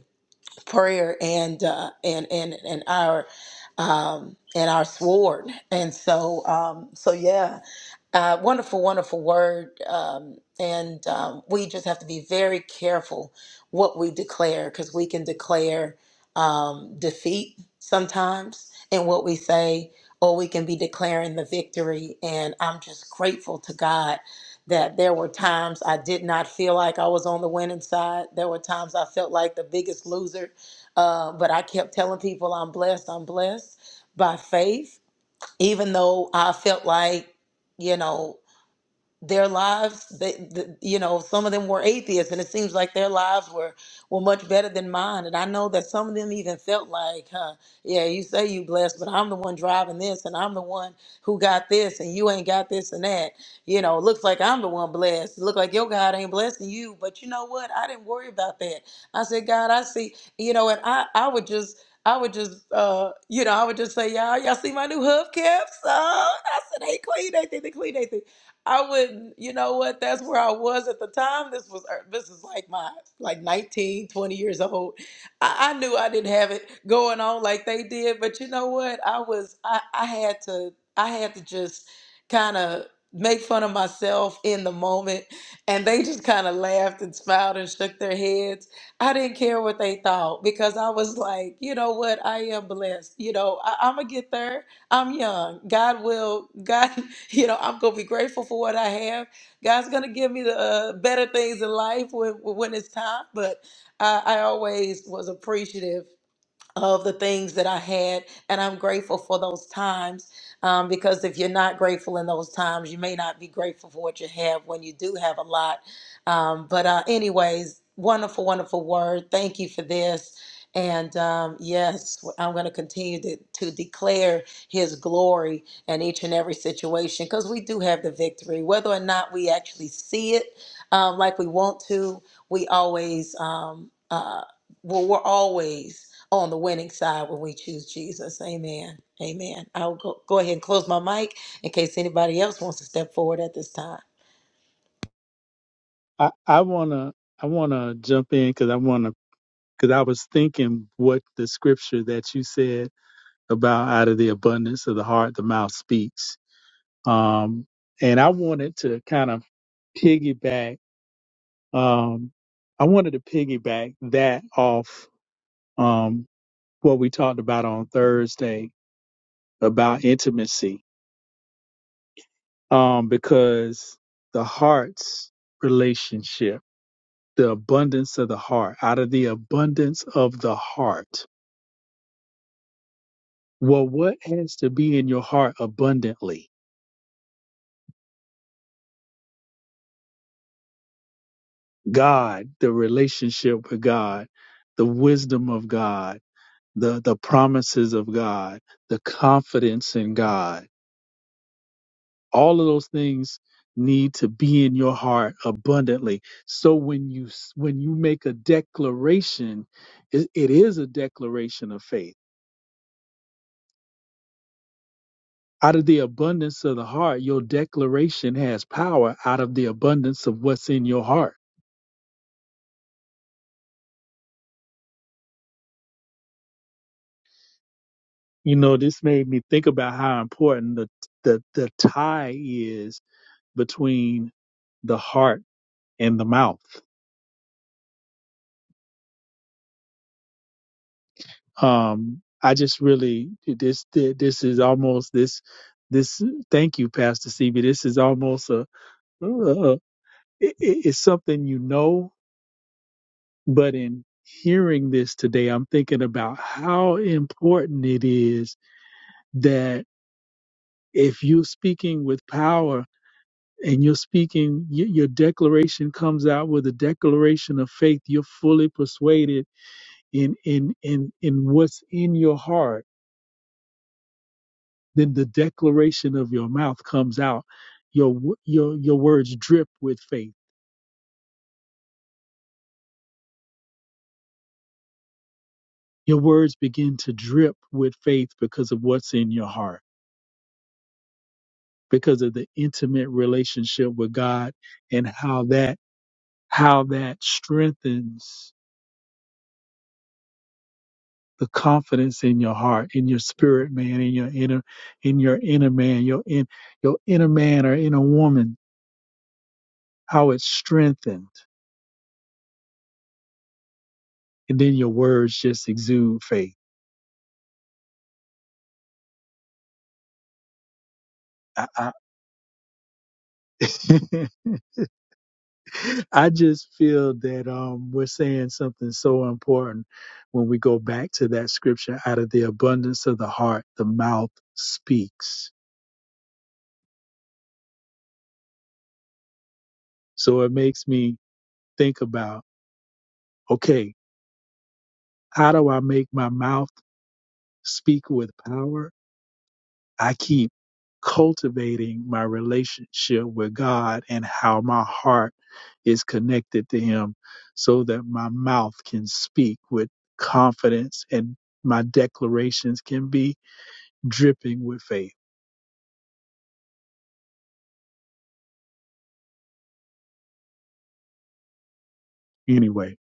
E: prayer and uh, and and and our um, and our sword. And so um, so yeah, uh, wonderful, wonderful word. Um, and um, we just have to be very careful what we declare because we can declare um, defeat sometimes in what we say, or we can be declaring the victory. And I'm just grateful to God that there were times I did not feel like I was on the winning side. There were times I felt like the biggest loser, uh, but I kept telling people I'm blessed, I'm blessed by faith even though I felt like, you know, their lives they, the, you know some of them were atheists and it seems like their lives were were much better than mine and i know that some of them even felt like huh, yeah you say you blessed but i'm the one driving this and i'm the one who got this and you ain't got this and that you know looks like i'm the one blessed it look like your god ain't blessing you but you know what i didn't worry about that i said god i see you know and i i would just I would just, uh, you know, I would just say, y'all, y'all see my new hubcaps? Oh, I said, hey, clean, they think they clean, they think. I wouldn't, you know what? That's where I was at the time. This was er, this is like my like 19, 20 years old. I, I knew I didn't have it going on like they did, but you know what? I was I, I had to I had to just kind of make fun of myself in the moment and they just kind of laughed and smiled and shook their heads. I didn't care what they thought because I was like, you know what? I am blessed. You know, I, I'm gonna get there. I'm young. God will. God. you know, I'm gonna be grateful for what I have. God's gonna give me the uh, better things in life when when it's time. But I, I always was appreciative of the things that I had. And I'm grateful for those times um, because if you're not grateful in those times, you may not be grateful for what you have when you do have a lot. Um, but, uh, anyways, wonderful, wonderful word. Thank you for this. And um, yes, I'm going to continue to, to declare his glory in each and every situation because we do have the victory. Whether or not we actually see it um, like we want to, we always, um, uh, well, we're always on the winning side when we choose Jesus. Amen. Amen. I'll go, go ahead and close my mic in case anybody else wants to step forward at this time.
C: I, I wanna I wanna jump in because I wanna because I was thinking what the scripture that you said about out of the abundance of the heart the mouth speaks. Um, and I wanted to kind of piggyback. Um, I wanted to piggyback that off. Um, what we talked about on Thursday about intimacy, um, because the heart's relationship, the abundance of the heart, out of the abundance of the heart. Well, what has to be in your heart abundantly? God, the relationship with God, the wisdom of God, the, the promises of God, the confidence in God all of those things need to be in your heart abundantly so when you when you make a declaration it, it is a declaration of faith out of the abundance of the heart your declaration has power out of the abundance of what's in your heart you know this made me think about how important the the, the tie is between the heart and the mouth Um, I just really this this is almost this this. Thank you, Pastor CB. This is almost a, a, it- it's something you know, but in hearing this today, I'm thinking about how important it is that if you're speaking with power and you're speaking, y- your declaration comes out with a declaration of faith. You're fully persuaded in in in in what's in your heart then the declaration of your mouth comes out. Your your your words drip with faith. Your words begin to drip with faith because of what's in your heart, because of the intimate relationship with God and how that how that strengthens the confidence in your heart, in your spirit man, in your inner in your inner man, your in your inner man or inner woman, how it's strengthened. And then your words just exude faith. I, I I just feel that um, we're saying something so important when we go back to that scripture out of the abundance of the heart, the mouth speaks. So it makes me think about okay, how do I make my mouth speak with power? I keep cultivating my relationship with God and how my heart is connected to Him so that my mouth can speak with confidence and my declarations can be dripping with faith. Anyway,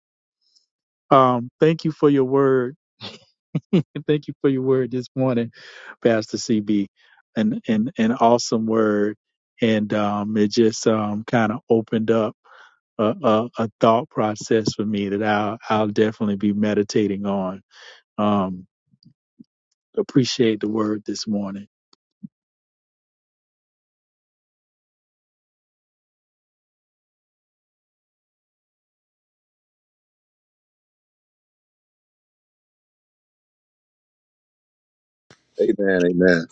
C: um, thank you for your word. thank you for your word this morning, Pastor CB. An an an awesome word, and um, it just um, kind of opened up a, a, a thought process for me that I'll I'll definitely be meditating on. Um, appreciate the word this morning.
B: Amen.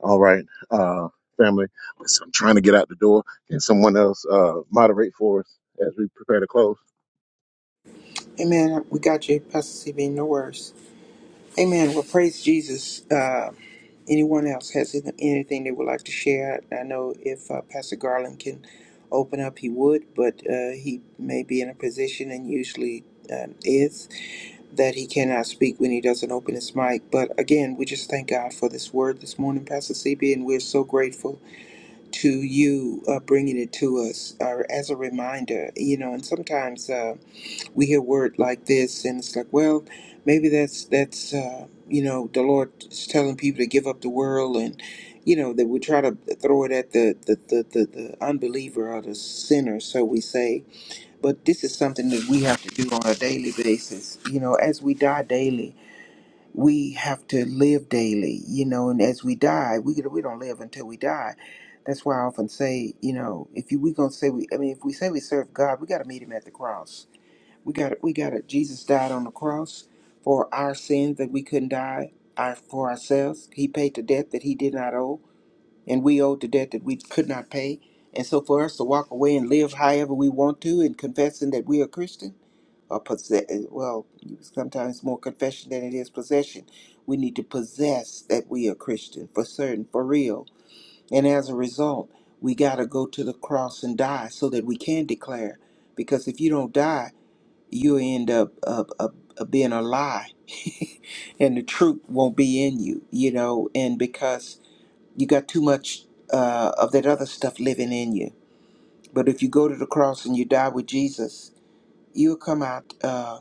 B: All right. Uh, family, listen, I'm trying to get out the door. Can someone else uh, moderate for us as we prepare to close?
D: amen we got you pastor cb no worries Amen. Well, praise Jesus. Uh, anyone else has any- anything they would like to share? I know if uh, Pastor Garland can open up, he would, but uh, he may be in a position and usually um, is that he cannot speak when he doesn't open his mic. But again, we just thank God for this word this morning, Pastor CB, and we're so grateful to you uh, bringing it to us uh, as a reminder. You know, and sometimes. Uh, we hear word like this and it's like well maybe that's that's uh, you know the lord is telling people to give up the world and you know that we try to throw it at the the, the, the the unbeliever or the sinner so we say but this is something that we have to do on a daily basis you know as we die daily we have to live daily you know and as we die we we don't live until we die that's why I often say, you know, if you, we gonna say we, I mean, if we say we serve God, we got to meet Him at the cross we got it. We got it. Jesus died on the cross for our sins that we couldn't die our, for ourselves. He paid the debt that he did not owe, and we owed the debt that we could not pay. And so, for us to walk away and live however we want to, and confessing that we are Christian, or possess, well, sometimes more confession than it is possession. We need to possess that we are Christian for certain, for real. And as a result, we got to go to the cross and die so that we can declare. Because if you don't die, you end up up, up, up being a lie and the truth won't be in you you know and because you got too much uh, of that other stuff living in you but if you go to the cross and you die with jesus you'll come out uh,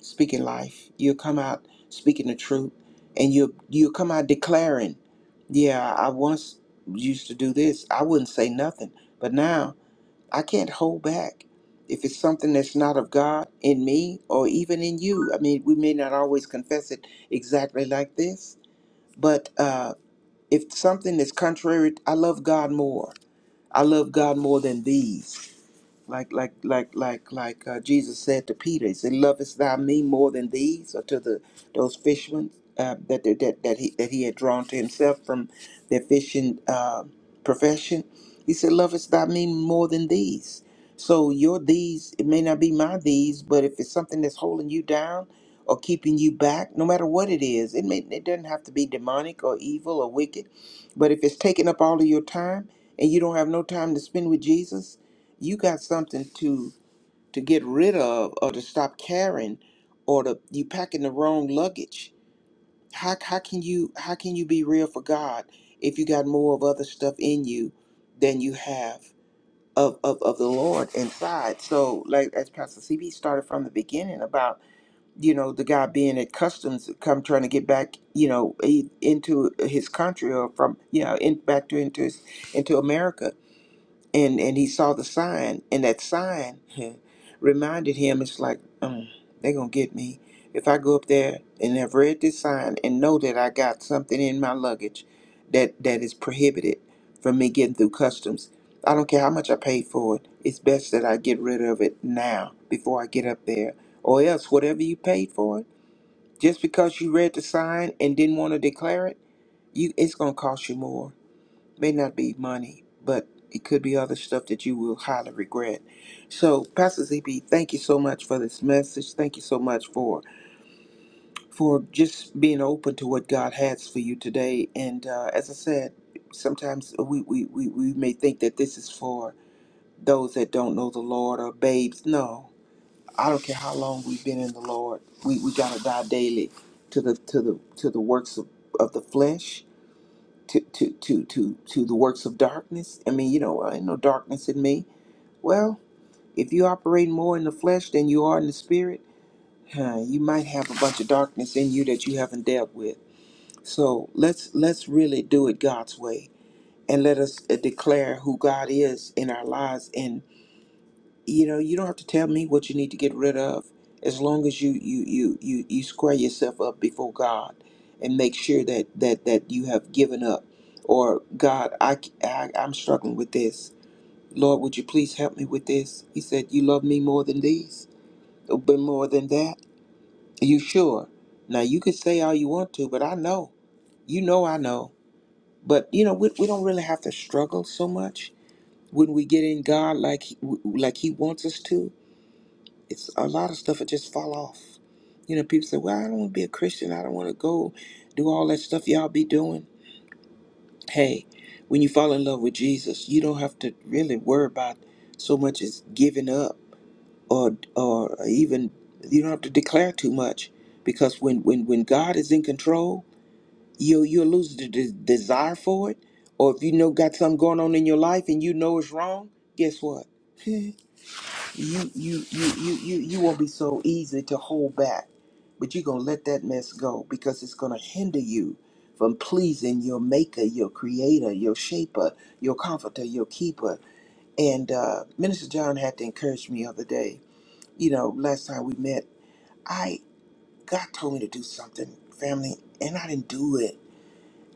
D: speaking life you'll come out speaking the truth and you'll you'll come out declaring yeah i once used to do this i wouldn't say nothing but now I can't hold back. If it's something that's not of God in me or even in you, I mean, we may not always confess it exactly like this, but uh, if something is contrary, I love God more. I love God more than these like like like like like uh, Jesus said to Peter, he said, "Lovest thou me more than these?" Or to the those fishermen uh, that that that that he that he had drawn to himself from their fishing uh, profession. He said, "Lovest thou me more than these?" So your these it may not be my these, but if it's something that's holding you down or keeping you back, no matter what it is, it may it doesn't have to be demonic or evil or wicked, but if it's taking up all of your time and you don't have no time to spend with Jesus you got something to to get rid of or to stop carrying or to you packing the wrong luggage how, how can you how can you be real for god if you got more of other stuff in you than you have of, of, of the lord inside so like as pastor cb started from the beginning about you know the guy being at customs come trying to get back you know he- into his country or from you know in back to into his, into america and and he saw the sign and that sign huh, reminded him it's like um, they're gonna get me if i go up there and have read this sign and know that i got something in my luggage that that is prohibited from me getting through customs i don't care how much i paid for it it's best that i get rid of it now before i get up there or else whatever you paid for it just because you read the sign and didn't want to declare it you it's gonna cost you more may not be money, but it could be other stuff that you will highly regret. So, Pastor ZB, thank you so much for this message. Thank you so much for for just being open to what God has for you today. And uh, as I said, sometimes we, we, we, we may think that this is for those that don't know the Lord or babes. No, I don't care how long we've been in the Lord. We, we gotta die daily to the to the to the works of, of the flesh to to to to to the works of darkness. I mean, you know, I ain't no darkness in me. Well, if you operate more in the flesh than you are in the spirit, huh, you might have a bunch of darkness in you that you haven't dealt with. So let's let's really do it God's way, and let us uh, declare who God is in our lives and you know you don't have to tell me what you need to get rid of as long as you you you you, you square yourself up before god and make sure that that that you have given up or god I I i am struggling with this lord would you please help me with this he said you love me more than these uh, but more than that are you sure now you can say all you want to but i know you know i know but you know we, we don't really have to struggle so much when we get in god like he, like he wants us to it's a lot of stuff that just fall off. You know, people say, "Well, I don't want to be a Christian. I don't want to go do all that stuff y'all be doing." Hey, when you fall in love with Jesus, you don't have to really worry about so much as giving up, or or even you don't have to declare too much, because when when when God is in control, you you'll lose the de- desire for it. Or if you know got something going on in your life and you know it's wrong, guess what? you you you you you you won't be so easy to hold back but you're gonna let that mess go because it's gonna hinder you from pleasing your maker your creator your shaper your comforter your keeper and uh, minister john had to encourage me the other day you know last time we met i god told me to do something family and i didn't do it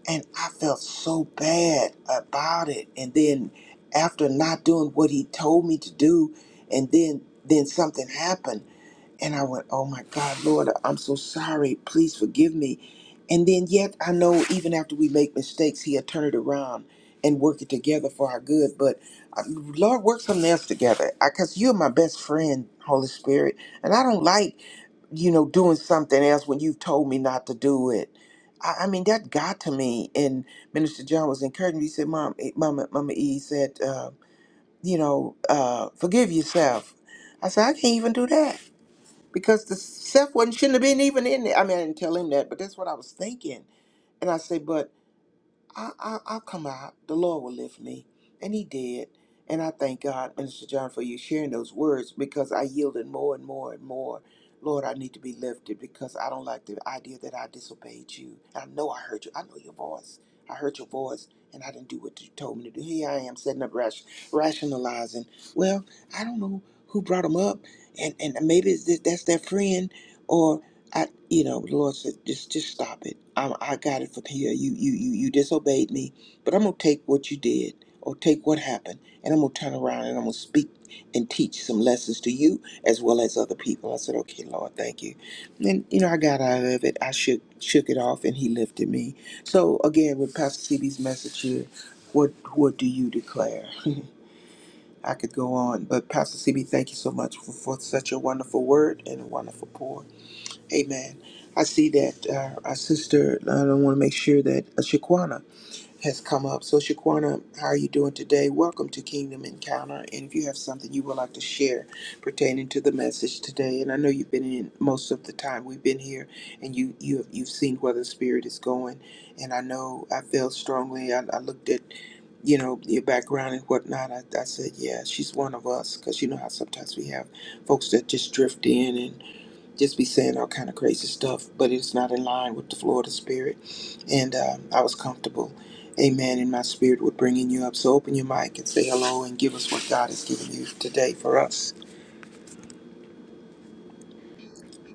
D: and i felt so bad about it and then after not doing what he told me to do and then then something happened and I went, Oh my God, Lord, I'm so sorry. Please forgive me. And then, yet, I know even after we make mistakes, He'll turn it around and work it together for our good. But uh, Lord, work something else together. Because you're my best friend, Holy Spirit. And I don't like, you know, doing something else when you've told me not to do it. I, I mean, that got to me. And Minister John was encouraging me. He said, Mom, eh, Mama, Mama E said, uh, you know, uh, forgive yourself. I said, I can't even do that because the Seth one shouldn't have been even in there. I mean, I didn't tell him that, but that's what I was thinking. And I say, but I, I, I'll come out. The Lord will lift me. And he did. And I thank God, Minister John, for you sharing those words because I yielded more and more and more. Lord, I need to be lifted because I don't like the idea that I disobeyed you. And I know I heard you. I know your voice. I heard your voice and I didn't do what you told me to do. Here I am setting up rash, rationalizing. Well, I don't know who brought them up. And, and maybe it's that that's their friend or I, you know, the Lord said, just, just stop it. I, I got it from here. You, you, you, you disobeyed me, but I'm gonna take what you did or take what happened, and I'm gonna turn around and I'm gonna speak and teach some lessons to you as well as other people. I said, okay, Lord, thank you. And you know, I got out of it. I shook, shook it off, and He lifted me. So again, with Pastor CB's message here, what, what do you declare? I could go on, but Pastor CB, thank you so much for, for such a wonderful word and a wonderful pour. Amen. I see that uh, our sister, I don't want to make sure that uh, Shaquana has come up. So, Shaquana, how are you doing today? Welcome to Kingdom Encounter. And if you have something you would like to share pertaining to the message today, and I know you've been in most of the time we've been here, and you, you you've seen where the spirit is going. And I know I felt strongly. I, I looked at you know your background and whatnot. I, I said, yeah, she's one of us, because you know how sometimes we have folks that just drift in and just be saying all kind of crazy stuff, but it's not in line with the flow of the spirit. And uh, I was comfortable, amen, in my spirit with bringing you up. So open your mic and say hello and give us what God has given you today for us.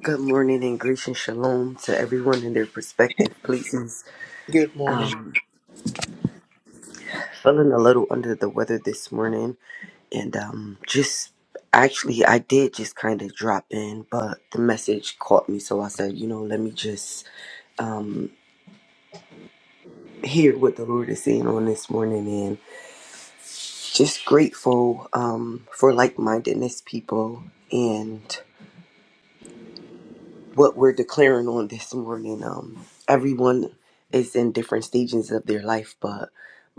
F: Good morning and grace and shalom to everyone in their respective places.
D: Good morning.
F: Um, feeling a little under the weather this morning, and um, just actually, I did just kind of drop in, but the message caught me, so I said, you know, let me just um, hear what the Lord is saying on this morning, and just grateful um, for like mindedness people. And what we're declaring on this morning. Um, everyone is in different stages of their life, but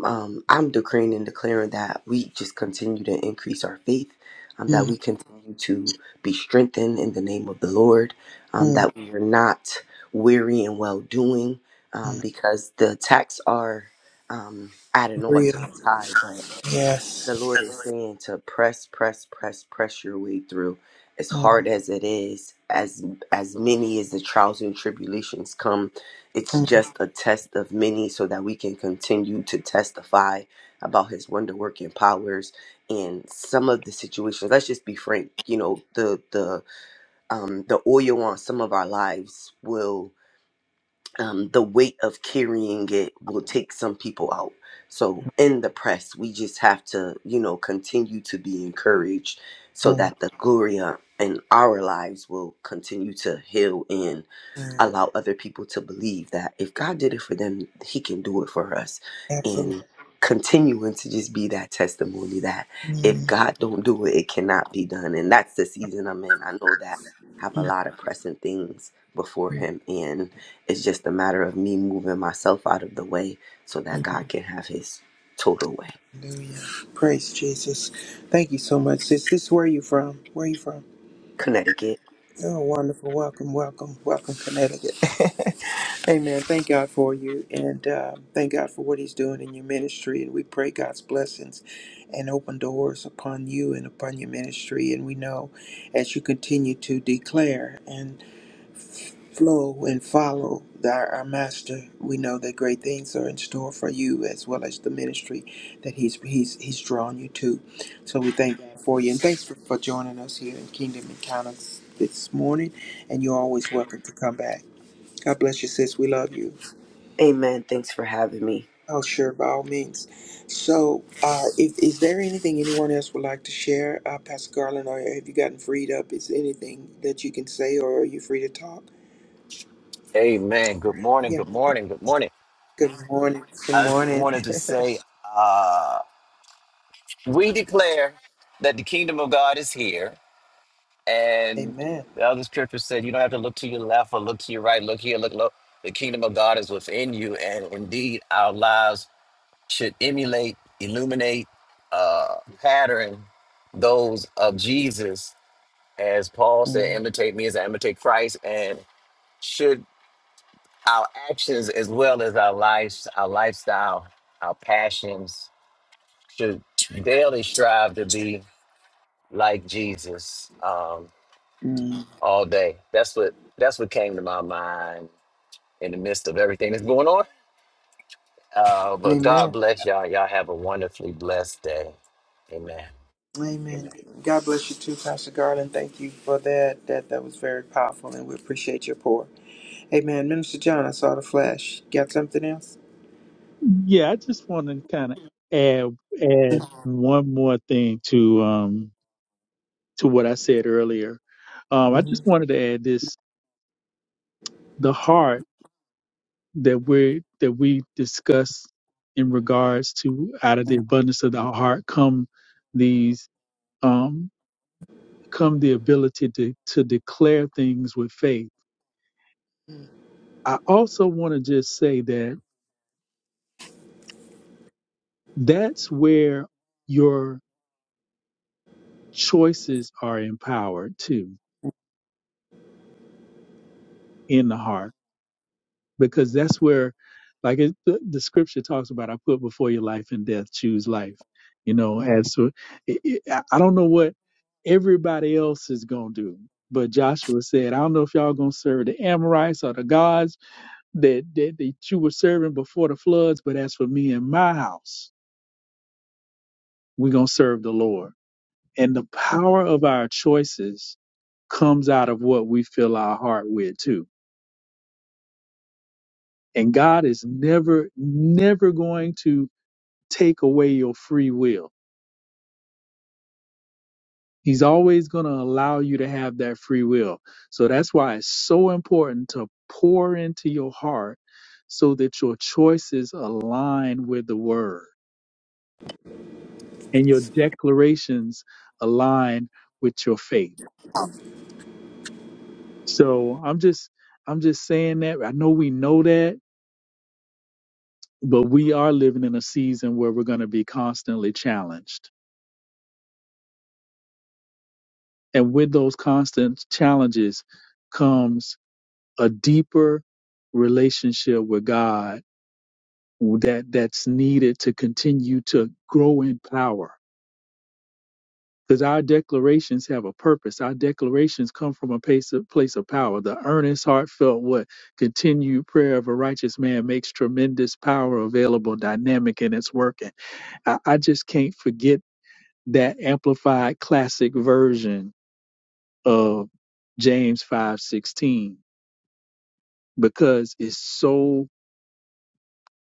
F: um, I'm decreeing and declaring that we just continue to increase our faith, um, that
D: Mm,
F: we continue to be strengthened in the name of the Lord, um,
D: mm,
F: that we are not weary and well doing, um,
D: mm.
F: because the attacks are um, at an all time
D: Real.
F: high. But the
D: Yes.
F: Lord is saying to press, press, press, press your way through. As
D: Mm,
F: hard as it is, as as many as the trials and tribulations come, it's
D: mm,
F: just a test of many so that we can continue to testify about his wonder working powers and some of the situations. Let's just be frank, you know, the the um the oil on some of our lives will um, the weight of carrying it will take some people out. So in the press, we just have to, you know, continue to be encouraged so
D: mm,
F: that the glory uh, in our lives will continue to heal and
D: mm.
F: allow other people to believe that if God did it for them, He can do it for us.
D: Absolutely.
F: And continuing to just be that testimony that if
D: Mm,
F: God don't do it, it cannot be done. And that's the season I'm in. I know that I have a
D: mm,
F: lot of pressing things before
D: mm.
F: Him, and it's just a matter of me moving myself out of the way so that God can have His total way.
D: Hallelujah. Praise Jesus. Thank you so much, sis. This where are you from? Where are you from?
F: Connecticut.
D: Oh, wonderful. Welcome, welcome, welcome, Connecticut. Amen. Thank God for you and um, thank God for what He's doing in your ministry. And we pray God's blessings and open doors upon you and upon your ministry. And we know as you continue to declare and Flow and follow thy, our master. We know that great things are in store for you as well as the ministry that he's he's he's drawn you to. So we thank God for you and thanks for, for joining us here in Kingdom Encounters this morning. And you're always welcome to come back. God bless you, sis. We love you.
F: Amen. Thanks for having me.
D: Oh, sure, by all means. So, uh, if, is there anything anyone else would like to share, uh, Pastor Garland, or have you gotten freed up? Is anything that you can say, or are you free to talk?
G: Amen. Good morning. Good
D: Yeah.
G: morning. Good morning.
D: Good morning. Good
G: I
D: morning.
G: wanted to say, uh, we declare that the kingdom of God is here. And
D: Amen.
G: the other scripture said, you don't have to look to your left or look to your right, look here, look low. The kingdom of God is within you. And indeed, our lives should emulate, illuminate, uh, pattern those of Jesus. As Paul said,
D: Mm,
G: imitate me as I imitate Christ. And should our actions as well as our lives, our lifestyle, our passions should daily strive to be like Jesus um,
D: mm.
G: all day. That's what that's what came to my mind in the midst of everything that's going on. Uh, but God
D: Amen.
G: bless y'all. Y'all have a wonderfully blessed day. Amen.
D: Amen. God bless you too, Pastor Garland. Thank you for that. That that was very powerful, and we appreciate your pour. Amen. Minister John, I saw the flash. Got something else?
C: Yeah, I just want to kind of add add
D: Mm-hmm.
C: one more thing to um to what I said earlier. Um, I just wanted to add this: the heart that we that we discuss in regards to out of the abundance of the heart come these. um, come the ability to, to declare things with faith.
D: Mm-hmm.
C: I also want to just say that that's where your choices are empowered too in the heart, because that's where, like it, the, the scripture talks about, I put before you life and death, choose life. You know, as so, it, it, I I don't know what everybody else is gonna do, but Joshua said, I don't know if y'all gonna serve the Amorites or the gods that, that that you were serving before the floods, but as for me and my house, we're gonna serve the Lord. And the power of our choices comes out of what we fill our heart with too. And God is never, never going to take away your free will. He's always going to allow you to have that free will. So that's why it's so important to pour into your heart so that your choices align with the word and your declarations align with your faith. So I'm just I'm just saying that I know we know that, but we are living in a season where we're going to be constantly challenged. And with those constant challenges comes a deeper relationship with God that that's needed to continue to grow in power because our declarations have a purpose. Our declarations come from a place of, place of power. The earnest, heartfelt, what continued prayer of a righteous man makes tremendous power available, dynamic in its working. I, I just can't forget that amplified classic version of James five sixteen because it's so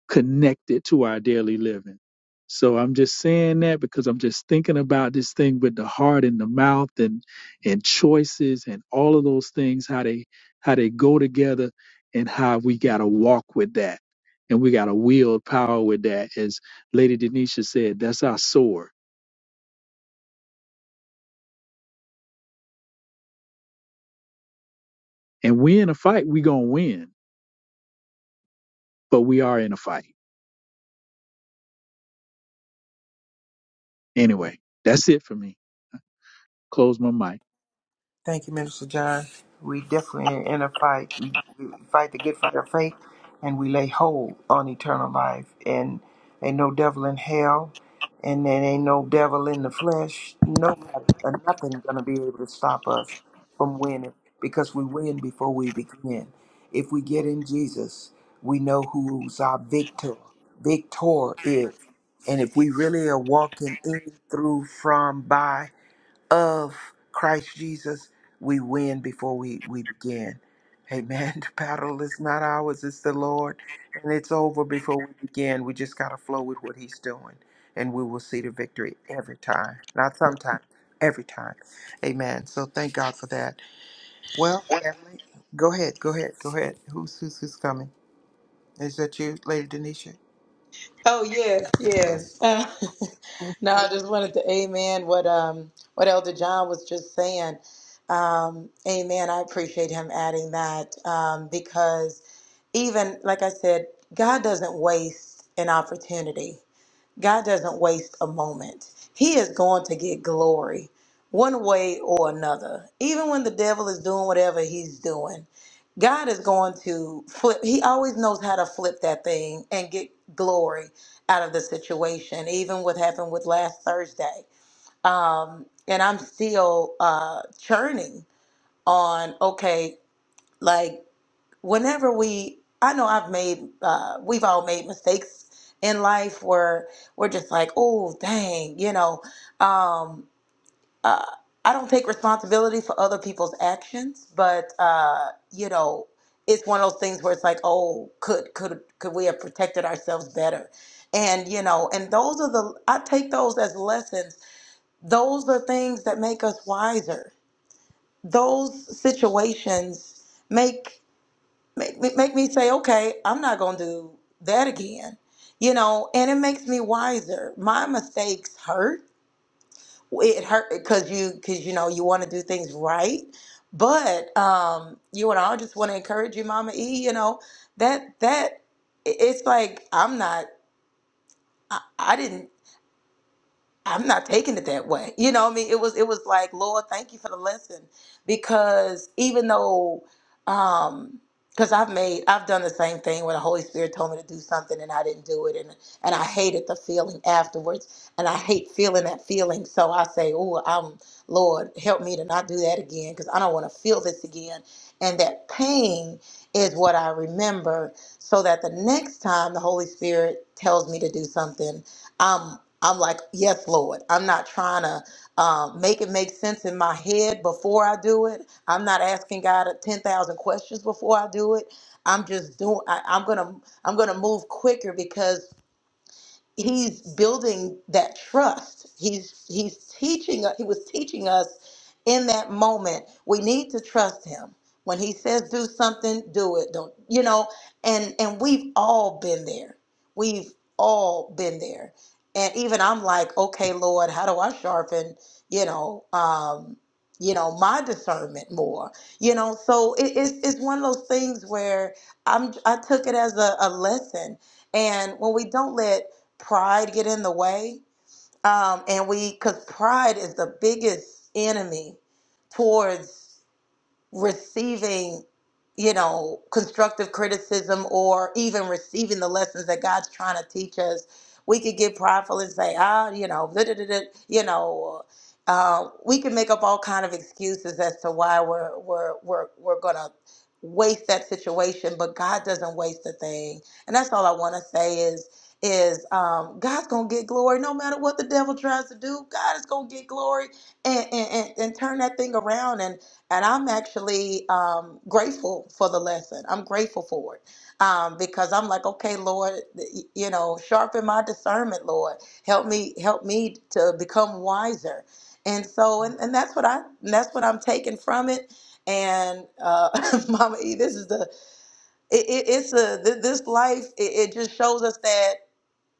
C: connected to our daily living. So I'm just saying that because I'm just thinking about this thing with the heart and the mouth and and choices and all of those things how they how they go together and how we got to walk with that and we got to wield power with that as Lady Denisha said that's our sword. And we in a fight, we going to win, but we are in a fight. Anyway, that's it for me. Close my mic.
D: Thank you, Minister John. We definitely in a fight. We, we fight the good fight of faith, and we lay hold on eternal life. And ain't no devil in hell, and there ain't no devil in the flesh. Nobody or nothing gonna be able to stop us from winning because we win before we begin. If we get in Jesus, we know who's our victor. Victor is. And if we really are walking in, through, from, by, of Christ Jesus, we win before we, we begin. Amen. The battle is not ours, it's the Lord. And it's over before we begin. We just got to flow with what He's doing. And we will see the victory every time. Not sometimes, every time. Amen. So thank God for that. Well, family, go ahead, go ahead, go ahead. Who's who's, who's coming? Is that you, Lady Denisha?
E: Oh yes, yes. Uh, no, I just wanted to amen what um what Elder John was just saying. Um, amen. I appreciate him adding that um, because even like I said, God doesn't waste an opportunity. God doesn't waste a moment. He is going to get glory one way or another. Even when the devil is doing whatever he's doing, God is going to flip. He always knows how to flip that thing and get glory out of the situation, even what happened with last Thursday. Um, and I'm still uh, churning on, okay, like whenever we i know i've made uh, we've all made mistakes in life where we're just like oh dang you know um, uh, i don't take responsibility for other people's actions but uh, you know it's one of those things where it's like oh could could could we have protected ourselves better and you know and those are the i take those as lessons those are things that make us wiser those situations make make me make me say, okay, I'm not gonna do that again, you know. And it makes me wiser. My mistakes hurt. It hurt because you because you know you want to do things right, but um, you and I just want to encourage you, Mama E. You know that that i- it's like I'm not. I, I didn't. I'm not taking it that way. You know what I mean? It was it was like, Lord, thank you for the lesson. Because even though um because I've made I've done the same thing when the Holy Spirit told me to do something and I didn't do it and and I hated the feeling afterwards and I hate feeling that feeling. So I say, Oh, I'm Lord, help me to not do that again because I don't want to feel this again. And that pain is what I remember so that the next time the Holy Spirit tells me to do something I'm I'm like, yes, Lord. I'm not trying to um, make it make sense in my head before I do it. I'm not asking God ten thousand questions before I do it. I'm just doing. I, I'm gonna I'm gonna move quicker because he's building that trust. He's he's teaching he was teaching us in that moment we need to trust him. When he says do something, do it. Don't you know? And and we've all been there. We've all been there. And even I'm like, okay, Lord, how do I sharpen, you know, um, you know, my discernment more? You know, so it, it's it's one of those things where I'm I took it as a, a lesson. And when we don't let pride get in the way um, and we because pride is the biggest enemy towards receiving you know constructive criticism or even receiving the lessons that god's trying to teach us we could get prideful and say ah you know da, da, da, da," you know uh, we can make up all kind of excuses as to why we're we're we're, we're gonna waste that situation but god doesn't waste a thing and that's all i want to say is is um, god's gonna get glory no matter what the devil tries to do god is gonna get glory and, and, and, and turn that thing around and I'm actually um, grateful for the lesson. I'm grateful for it um, because I'm like, okay, Lord, y- you know, sharpen my discernment, Lord. Help me, help me to become wiser. And so, and, and that's what I, and that's what I'm taking from it. And uh, Mama E, this is the, it, it, it's a, th- this life. It, it just shows us that,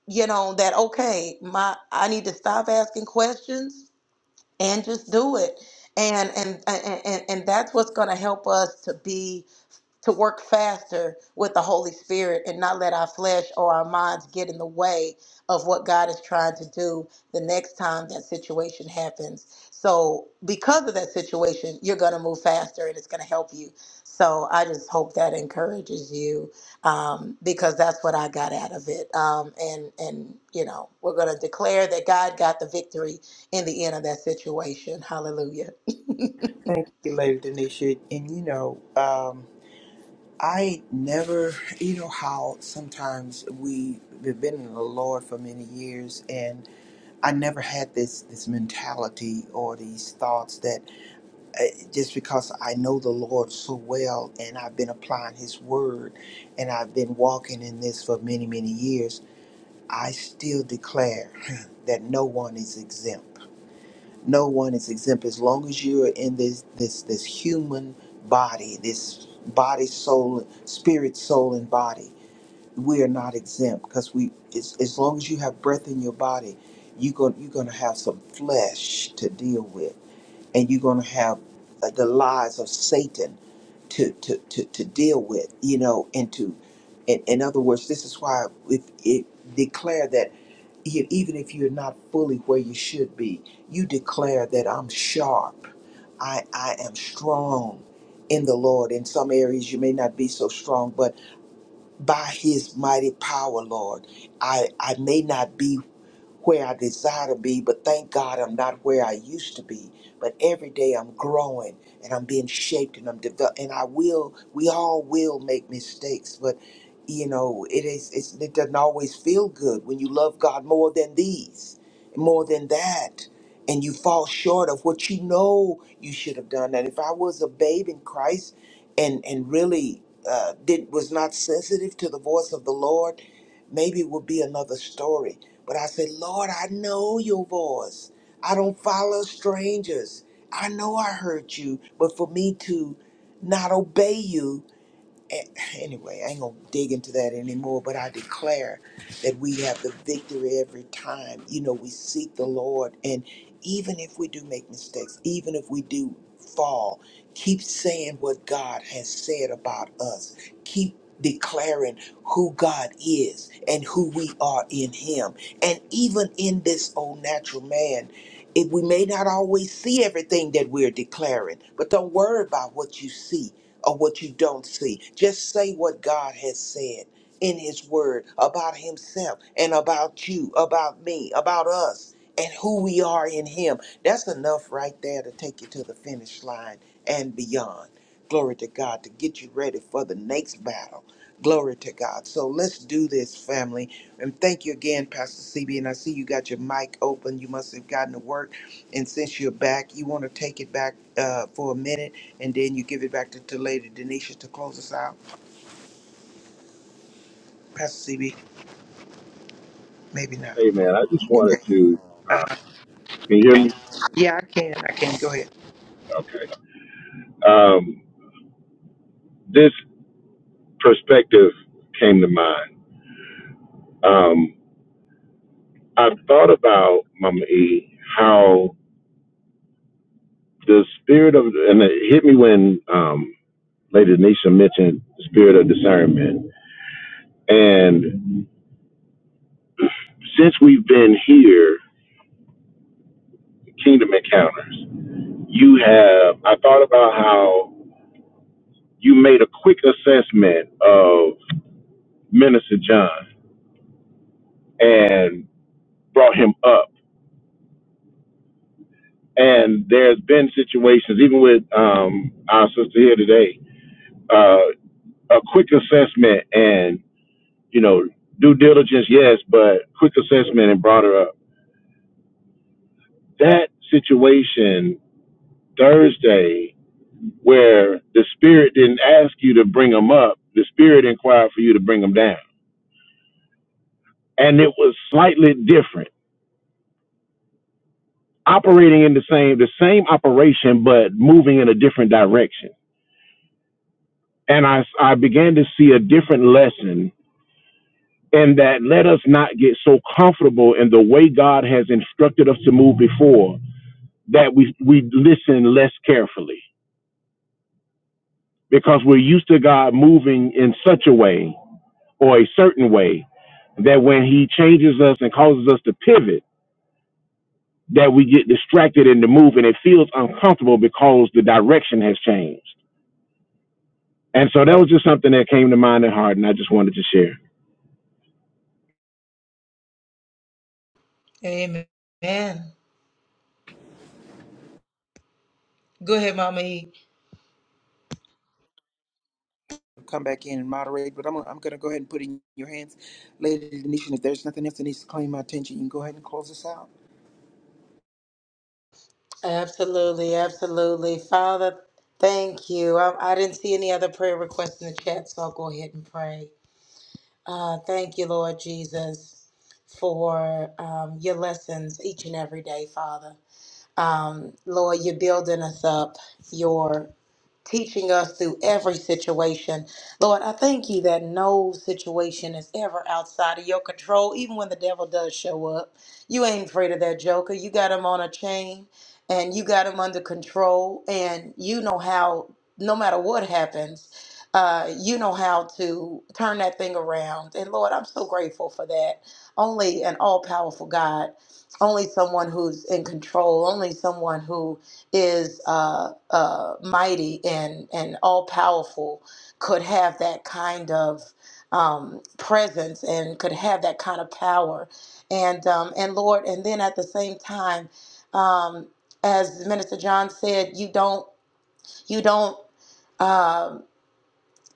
E: you know, that okay, my, I need to stop asking questions and just do it and and and, and and that's what's going to help us to be to work faster with the Holy Spirit and not let our flesh or our minds get in the way of what God is trying to do the next time that situation happens. So, because of that situation, you're going to move faster and it's going to help you. So, I just hope that encourages you um, because that's what I got out of it. Um, and, and, you know, we're going to declare that God got the victory in the end of that situation. Hallelujah.
D: Thank you, Lady Denisha. And you know, um. I never, you know, how sometimes we, we've been in the Lord for many years, and I never had this this mentality or these thoughts that uh, just because I know the Lord so well and I've been applying His Word and I've been walking in this for many many years, I still declare that no one is exempt no one is exempt as long as you are in this this this human body this body soul spirit soul and body we are not exempt because we as, as long as you have breath in your body you go, you're going to have some flesh to deal with and you're going to have uh, the lies of satan to, to, to, to deal with you know and to in, in other words this is why if it declare that e- even if you're not fully where you should be, you declare that I'm sharp. I, I am strong in the Lord. In some areas you may not be so strong, but by his mighty power, Lord, I, I may not be where I desire to be, but thank God I'm not where I used to be. But every day I'm growing and I'm being shaped and I'm developing. And I will, we all will make mistakes, but you know, it is, it's, it doesn't always feel good when you love God more than these, more than that. And you fall short of what you know you should have done. And if I was a babe in Christ and, and really uh, did, was not sensitive to the voice of the Lord, maybe it would be another story but I said, Lord, I know your voice. I don't follow strangers. I know I hurt you, but for me to not obey you a- anyway, I ain't gonna dig into that anymore, but I declare that we have the victory every time. You know, we seek the Lord, and even if we do make mistakes, even if we do fall, keep saying what God has said about us. Keep declaring who God is and who we are in Him. And even in this old natural man, it, we may not always see everything that we're declaring, but don't worry about what you see or what you don't see. Just say what God has said in His Word about Himself and about you, about me, about us, and who we are in Him. That's enough right there to take you to the finish line and beyond. Glory to God to get you ready for the next battle. Glory to God. So let's do this, family. And thank you again, Pastor CB. And I see you got your mic open. You must have gotten to work. And since you're back, you want to take it back uh, for a minute and then you give it back to, to Lady Denisha to close us out. Pastor CB, maybe not.
B: Hey man, I just
D: Okay, there
B: wanted
D: you
B: to.
D: are.
B: Uh,
D: Uh,
B: can you hear me?
D: yeah, I can. I can. Go ahead.
B: Okay. Um, this perspective came to mind. Um, I thought about Mama E how the spirit of and it hit me when um, Lady Denisha mentioned the spirit of discernment. And since we've been here, Kingdom Encounters, you have I thought about how you made a quick assessment of Minister John and brought him up. And there's been situations, even with um, our sister here today, uh, a quick assessment and. you know, due diligence, yes, but quick assessment and brought her up. That situation Thursday, where the spirit didn't ask you to bring them up, the spirit inquired for you to bring them down, and it was slightly different, operating in the same the same operation, but moving in a different direction. And I I began to see a different lesson in that let us not get so comfortable in the way God has instructed us to move before that we we listen less carefully because we're used to God moving in such a way or a certain way that when He changes us and causes us to pivot, that we get distracted in the move and it feels uncomfortable because the direction has changed. And so that was just something that came to mind and heart, and I just wanted to share.
E: Amen. Go ahead, Mama E.
D: Come back in and moderate, but I'm, I'm going to go ahead and put it in your hands. Lady Denisha, if there's nothing else that needs to claim my attention, you can go ahead and close us out.
E: Absolutely, absolutely. Father, thank you. I, I didn't see any other prayer requests in the chat, so I'll go ahead and pray. Uh, thank you, Lord Jesus, for um, your lessons each and every day, Father. Um, Lord, you're building us up. You're teaching us through every situation. Lord, I thank you that no situation is ever outside of your control, even when the devil does show up. You ain't afraid of that joker. You got him on a chain and you got him under control, and you know how, no matter what happens, uh, you know how to turn that thing around. And Lord, I'm so grateful for that. Only an all powerful God only someone who's in control, only someone who is uh, uh, mighty and, and all powerful could have that kind of um, presence and could have that kind of power. And, um, and Lord, and then at the same time, um, as Minister John said, you don't, you don't. Um,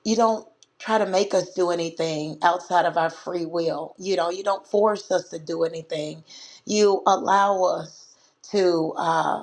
E: you don't try to make us do anything outside of our free will. You know, you don't force us to do anything. You allow us to. uh,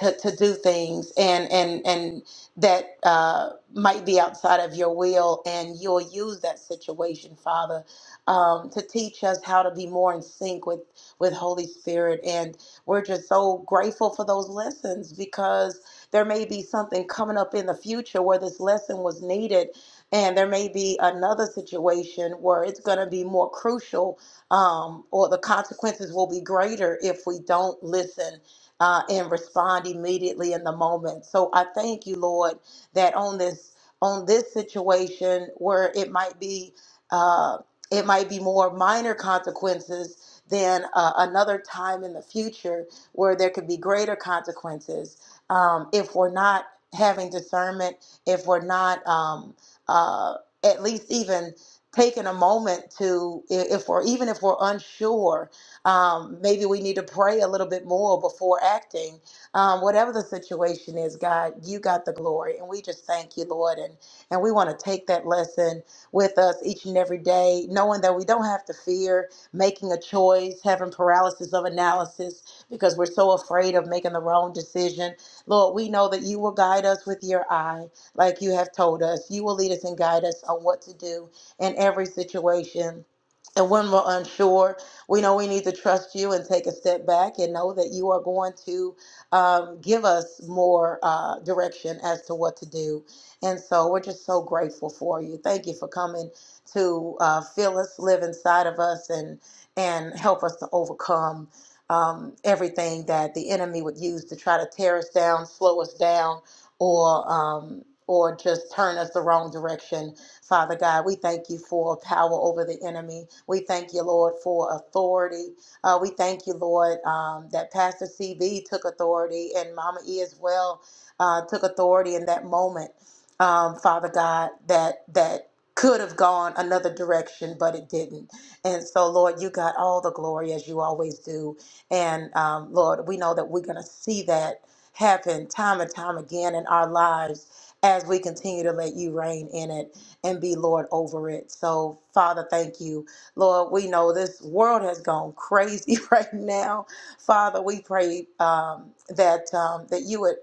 E: to, to do things and and and that uh, might be outside of your will and you'll use that situation father um, to teach us how to be more in sync with with holy spirit and we're just so grateful for those lessons because there may be something coming up in the future where this lesson was needed and there may be another situation where it's going to be more crucial um, or the consequences will be greater if we don't listen uh, and respond immediately in the moment. So I thank you, Lord, that on this on this situation where it might be uh, it might be more minor consequences than uh, another time in the future where there could be greater consequences um, if we're not having discernment, if we're not um, uh, at least even taking a moment to i- if we're even if we're unsure um, maybe we need to pray a little bit more before acting. Um, whatever the situation is, God, you got the glory. And we just thank you, Lord. And, and we want to take that lesson with us each and every day, knowing that we don't have to fear making a choice, having paralysis of analysis because we're so afraid of making the wrong decision. Lord, we know that you will guide us with your eye, like you have told us. You will lead us and guide us on what to do in every situation. And when we're unsure, we know we need to trust you and take a step back and know that you are going to um, give us more uh, direction as to what to do. And so we're just so grateful for you. Thank you for coming to uh, feel us, live inside of us, and and help us to overcome um, everything that the enemy would use to try to tear us down, slow us down, or um, or just turn us the wrong direction Father God, we thank you for power over the enemy. We thank you, Lord, for authority. Uh, we thank you, Lord, um, that Pastor CB took authority and Mama E as well uh, took authority in that moment, um, Father God, that that could have gone another direction, but it didn't. And so, Lord, you got all the glory as you always do. And um, Lord, we know that we're going to see that happen time and time again in our lives as we continue to let you reign in it and be Lord over it. So, Father, thank you. Lord, we know this world has gone crazy right now. Father, we pray um, that um, that you would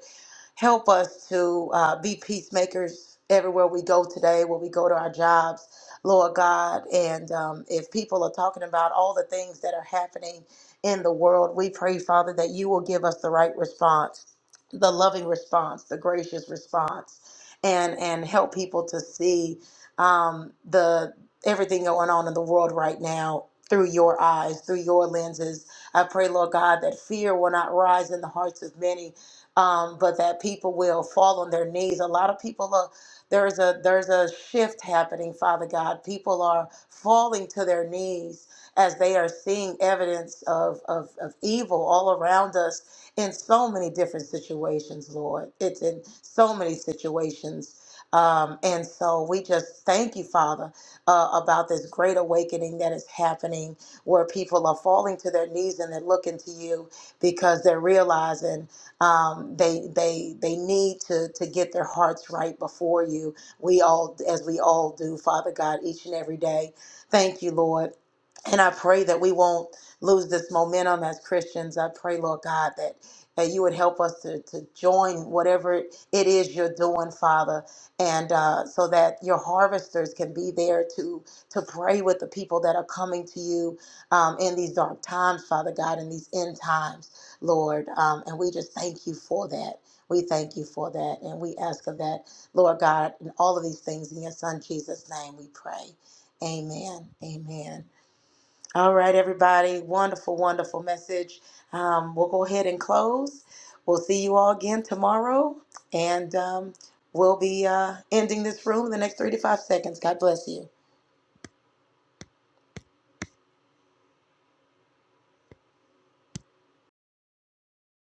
E: Help us to uh, be peacemakers everywhere we go today, where we go to our jobs, Lord God. And um, if people are talking about all the things that are happening in the world, we pray, Father, that you will give us the right response, the loving response, the gracious response, and and help people to see um, the everything going on in the world right now through your eyes, through your lenses. I pray, Lord God, that fear will not rise in the hearts of many, um, but that people will fall on their knees. A lot of people are there's a there's a shift happening, Father God. People are falling to their knees as they are seeing evidence of, of, of evil all around us in so many different situations, Lord. It's in so many situations. Um, and so we just thank you, Father, uh, about this great awakening that is happening where people are falling to their knees and they're looking to you because they're realizing um, they they they need to to get their hearts right before you. We all, as we all do, Father God, each and every day. Thank you, Lord, and I pray that we won't lose this momentum as Christians. I pray, Lord God, that. That you would help us to, to join whatever it is you're doing, Father, and uh, so that your harvesters can be there to to pray with the people that are coming to you um, in these dark times, Father God, in these end times. Lord. Um, and we just thank you for that. We thank you for that. And we ask of that, Lord God, and all of these things, in your Son Jesus' name we pray. Amen. Amen. All right, everybody. Wonderful, wonderful message. Um, we'll go ahead and close. We'll see you all again tomorrow. And um, we'll be uh, ending this room in the next three to five seconds. God bless you.